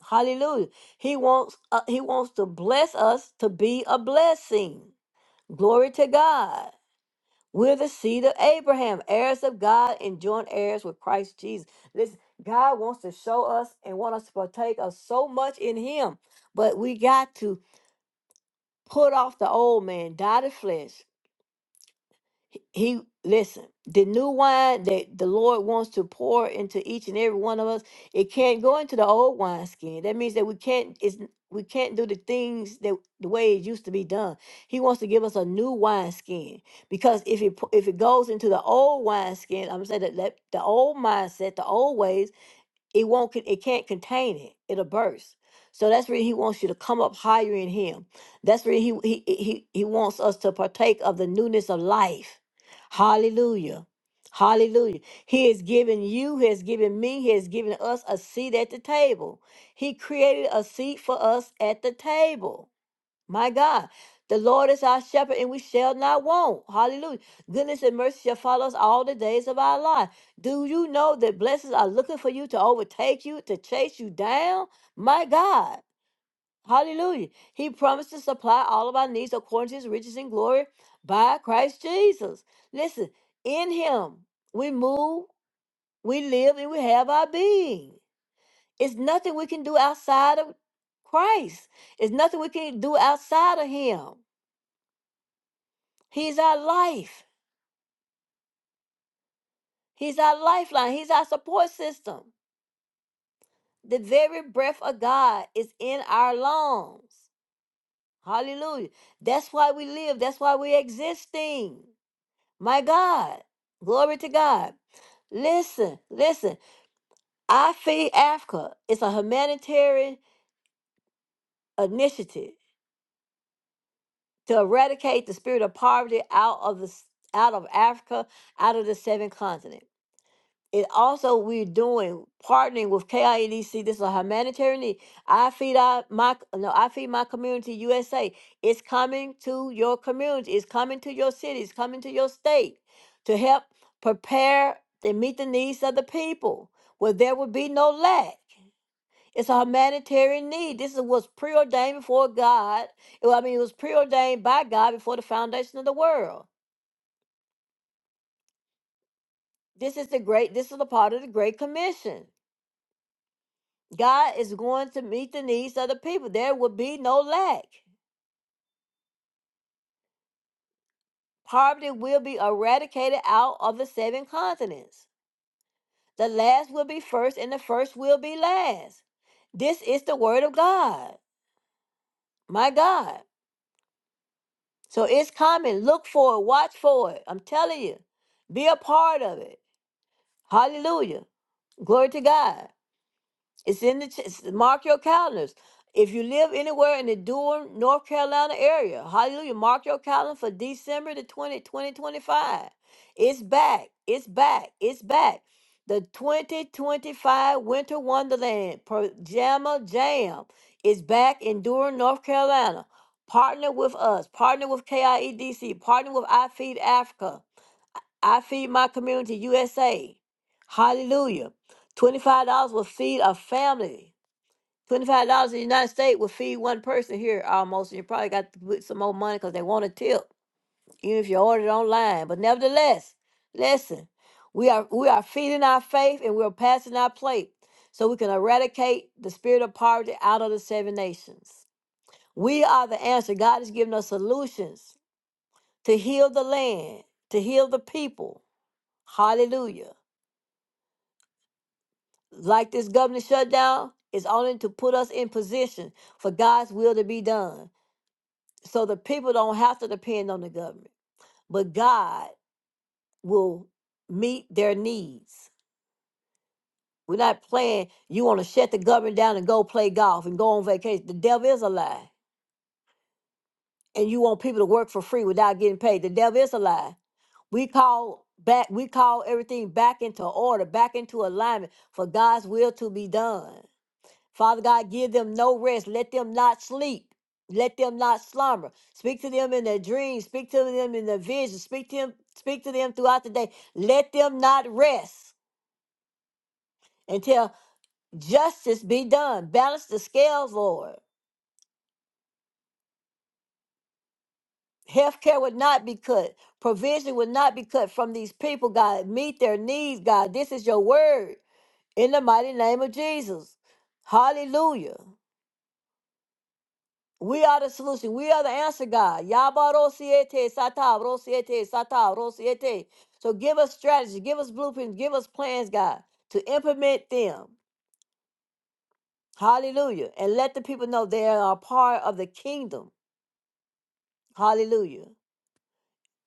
[SPEAKER 1] Hallelujah. He wants uh, he wants to bless us to be a blessing. Glory to God. We're the seed of Abraham, heirs of God and joint heirs with Christ Jesus. Listen, God wants to show us and want us to partake of so much in Him, but we got to put off the old man, die to flesh, he listen, the new wine that the Lord wants to pour into each and every one of us, it can't go into the old wineskin. That means that we can't it's n- we can't do the things that the way it used to be done. He wants to give us a new wineskin because if it pu- if it goes into the old wineskin, I'm saying that let- the old mindset, the old ways it won't con- it can't contain it it'll burst so that's where he wants you to come up higher in him that's where he he he, he wants us to partake of the newness of life hallelujah hallelujah he has given you he has given me he has given us a seat at the table he created a seat for us at the table my God, the Lord is our shepherd, and we shall not want. Hallelujah. Goodness and mercy shall follow us all the days of our life. Do you know that blessings are looking for you to overtake you, to chase you down? My God. Hallelujah. He promised to supply all of our needs according to his riches and glory by Christ Jesus. Listen, in him we move, we live, and we have our being. It's nothing we can do outside of Christ. It's nothing we can do outside of him. He's our life. He's our lifeline. He's our support system. The very breath of God is in our lungs. Hallelujah. That's why we live. That's why we're existing. My God. Glory to God. Listen, listen. I Feed Africa is a humanitarian initiative to eradicate the spirit of poverty out of the out of Africa, out of the seven continents. it also we're doing partnering with KIEDC. This is a humanitarian need. I feed our my no, I feed my community USA. It's coming to your community. It's coming to your city. It's coming to your state to help prepare and meet the needs of the people where there will be no lack. It's a humanitarian need. This is was preordained before God. Well, I mean, it was preordained by God before the foundation of the world. This is the great. This is the part of the Great Commission. God is going to meet the needs of the people. There will be no lack. Poverty will be eradicated out of the seven continents. The last will be first, and the first will be last. This is the word of God, my God. So it's coming. Look for it. Watch for it. I'm telling you. Be a part of it. Hallelujah. Glory to God. It's in the ch- it's- mark your calendars. If you live anywhere in the Durham, North Carolina area, hallelujah, mark your calendar for December the twentieth, 20, 2025. It's back. It's back. It's back. The 2025 Winter Wonderland Pajama Jam is back in Durham, North Carolina. Partner with us. Partner with KIEDC. Partner with iFeed Africa. I Feed My Community USA. Hallelujah. $25 will feed a family. $25 in the United States will feed one person here almost. And you probably got to put some more money because they want a tip, even if you order it online. But nevertheless, listen, we are we are feeding our faith and we're passing our plate so we can eradicate the spirit of poverty out of the seven nations. We are the answer. God has given us solutions to heal the land, to heal the people. Hallelujah. like this government shutdown is only to put us in position for God's will to be done. So the people don't have to depend on the government, but God will meet their needs. We're not playing, you want to shut the government down and go play golf and go on vacation. The devil is a lie. And you want people to work for free without getting paid. The devil is a lie. We call back, we call everything back into order, back into alignment for God's will to be done. Father God, give them no rest. Let them not sleep. Let them not slumber. Speak to them in their dreams. Speak to them in their visions. Speak to them, speak to them throughout the day. Let them not rest until justice be done. Balance the scales, Lord. Healthcare would not be cut. Provision would not be cut from these people, God. Meet their needs, God. This is your word. In the mighty name of Jesus. Hallelujah. We are the solution. We are the answer, God. Yabarosiete, sata, rosiete, sata, rosiete. So give us strategy, give us blueprints, give us plans, God, to implement them. Hallelujah. And let the people know they are a part of the kingdom. Hallelujah.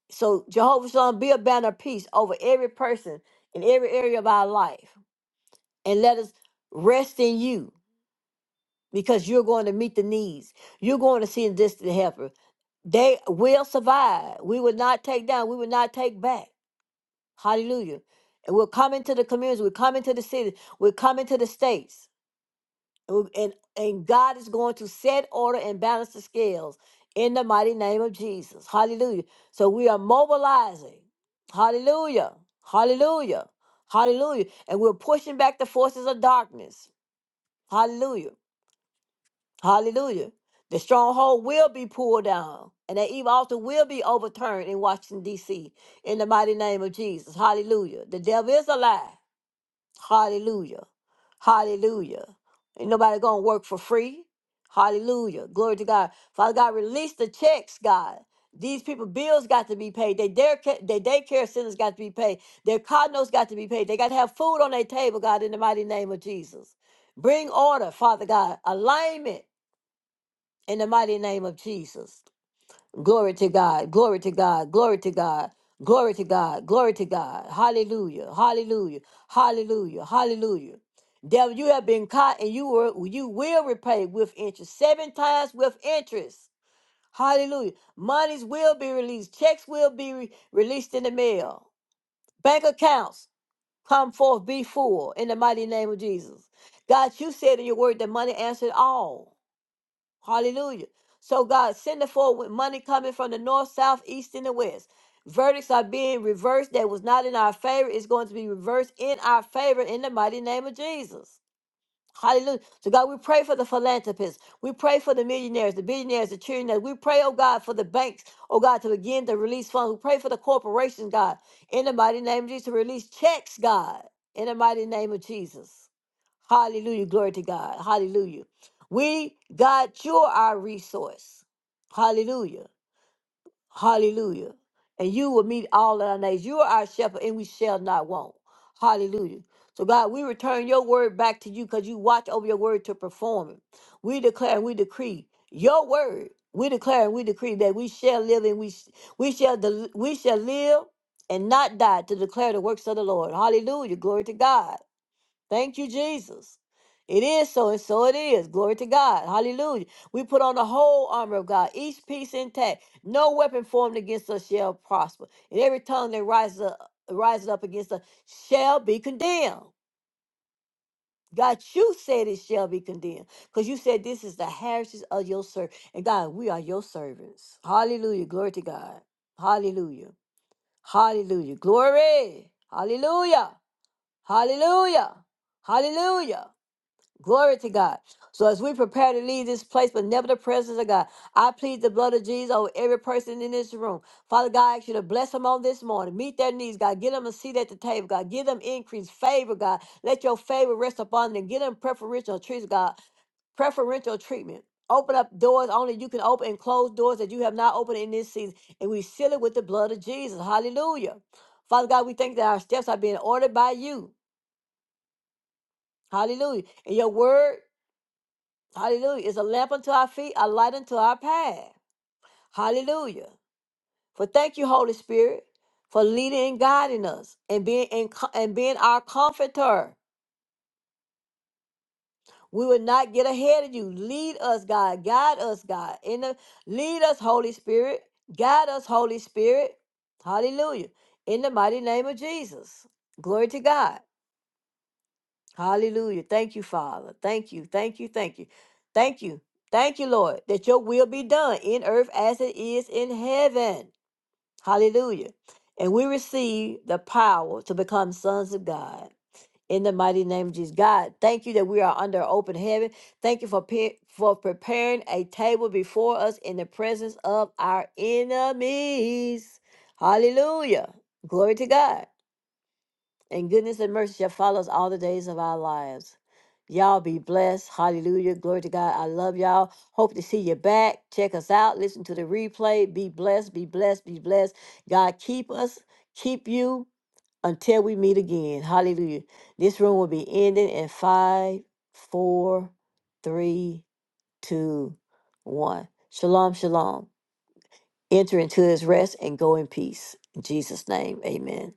[SPEAKER 1] So Jehovah Shalom, be a banner of peace over every person in every area of our life. And let us rest in you because you're going to meet the needs. You're going to see the distant helper. They will survive. We will not take down. We will not take back. Hallelujah. And we're coming to the communities. We're coming to the cities. We're coming to the states. And, we- and and God is going to set order and balance the scales in the mighty name of Jesus. Hallelujah. So we are mobilizing. Hallelujah. Hallelujah. Hallelujah. And we're pushing back the forces of darkness. Hallelujah. Hallelujah. The stronghold will be pulled down, and that evil altar will be overturned in Washington, D.C., in the mighty name of Jesus. Hallelujah. The devil is a lie. Hallelujah. Hallelujah. Ain't nobody going to work for free. Hallelujah. Glory to God. Father God, release the checks, God. These people bills got to be paid. They dare ca- their daycare centers got to be paid. Their condos got to be paid. They got to have food on their table, God, in the mighty name of Jesus. Bring order, Father God. Alignment in the mighty name of Jesus. Glory to God, glory to God, glory to God, glory to God, glory to God. Hallelujah, hallelujah, hallelujah, hallelujah. Devil, you have been caught and you were you will repay with interest. Seven times with interest. Hallelujah. Monies will be released. Checks will be re- released in the mail. Bank accounts come forth, be full in the mighty name of Jesus. God, you said in your word that money answered all. Hallelujah. So God send it forward with money coming from the north, south, east, and the west. Verdicts are being reversed that was not in our favor. It's going to be reversed in our favor in the mighty name of Jesus. Hallelujah. So God, we pray for the philanthropists. We pray for the millionaires, the billionaires, the trillionaires. We pray, oh God, for the banks, oh God, to begin to release funds. We pray for the corporations, God, in the mighty name of Jesus, to release checks, God, in the mighty name of Jesus. Hallelujah. Glory to God. Hallelujah. We, God, you're our resource. Hallelujah. Hallelujah. And you will meet all of our needs. You are our shepherd, and we shall not want. Hallelujah. So, God, we return your word back to you because you watch over your word to perform it. We declare and we decree your word. We declare and we decree that we shall live and we, sh- we shall del- we shall live and not die to declare the works of the Lord. Hallelujah. Glory to God. Thank you, Jesus. It is so, and so it is. Glory to God. Hallelujah. We put on the whole armor of God, each piece intact. No weapon formed against us shall prosper. And every tongue that rises up, rises up against us shall be condemned. God, you said it shall be condemned because you said this is the heritage of your servant. And God, we are your servants. Hallelujah. Glory to God. Hallelujah. Hallelujah. Glory. Hallelujah. Hallelujah. Hallelujah. Glory to God. So as we prepare to leave this place, but never the presence of God, I plead the blood of Jesus over every person in this room. Father God, I ask you to bless them on this morning. Meet their needs, God. Get them a seat at the table, God. Give them increase, favor, God. Let your favor rest upon them. Give them preferential treats, God. Preferential treatment. Open up doors only you can open and close doors that you have not opened in this season. And we seal it with the blood of Jesus. Hallelujah. Father God, we thank that our steps are being ordered by you. Hallelujah. And your word Hallelujah. It's a lamp unto our feet, a light unto our path. Hallelujah. For thank you, Holy Spirit, for leading and guiding us and being in, and being our comforter. We will not get ahead of you. Lead us, God. Guide us, God. In the lead us, Holy Spirit. Guide us, Holy Spirit. Hallelujah. In the mighty name of Jesus. Glory to God. Hallelujah. Thank you, Father. Thank you. Thank you. Thank you. Thank you. Thank you, Lord, that your will be done in earth as it is in heaven. Hallelujah. And we receive the power to become sons of God in the mighty name of Jesus. God, thank you that we are under open heaven. Thank you for, pe- for preparing a table before us in the presence of our enemies. Hallelujah. Glory to God and goodness and mercy shall follow us all the days of our lives. Y'all be blessed. Hallelujah. Glory to God. I love y'all. Hope to see you back. Check us out. Listen to the replay. Be blessed. Be blessed. Be blessed. God keep us, keep you until we meet again. Hallelujah. This room will be ending in five, four, three, two, one. Shalom, shalom. Enter into his rest and go in peace. In Jesus' name, amen.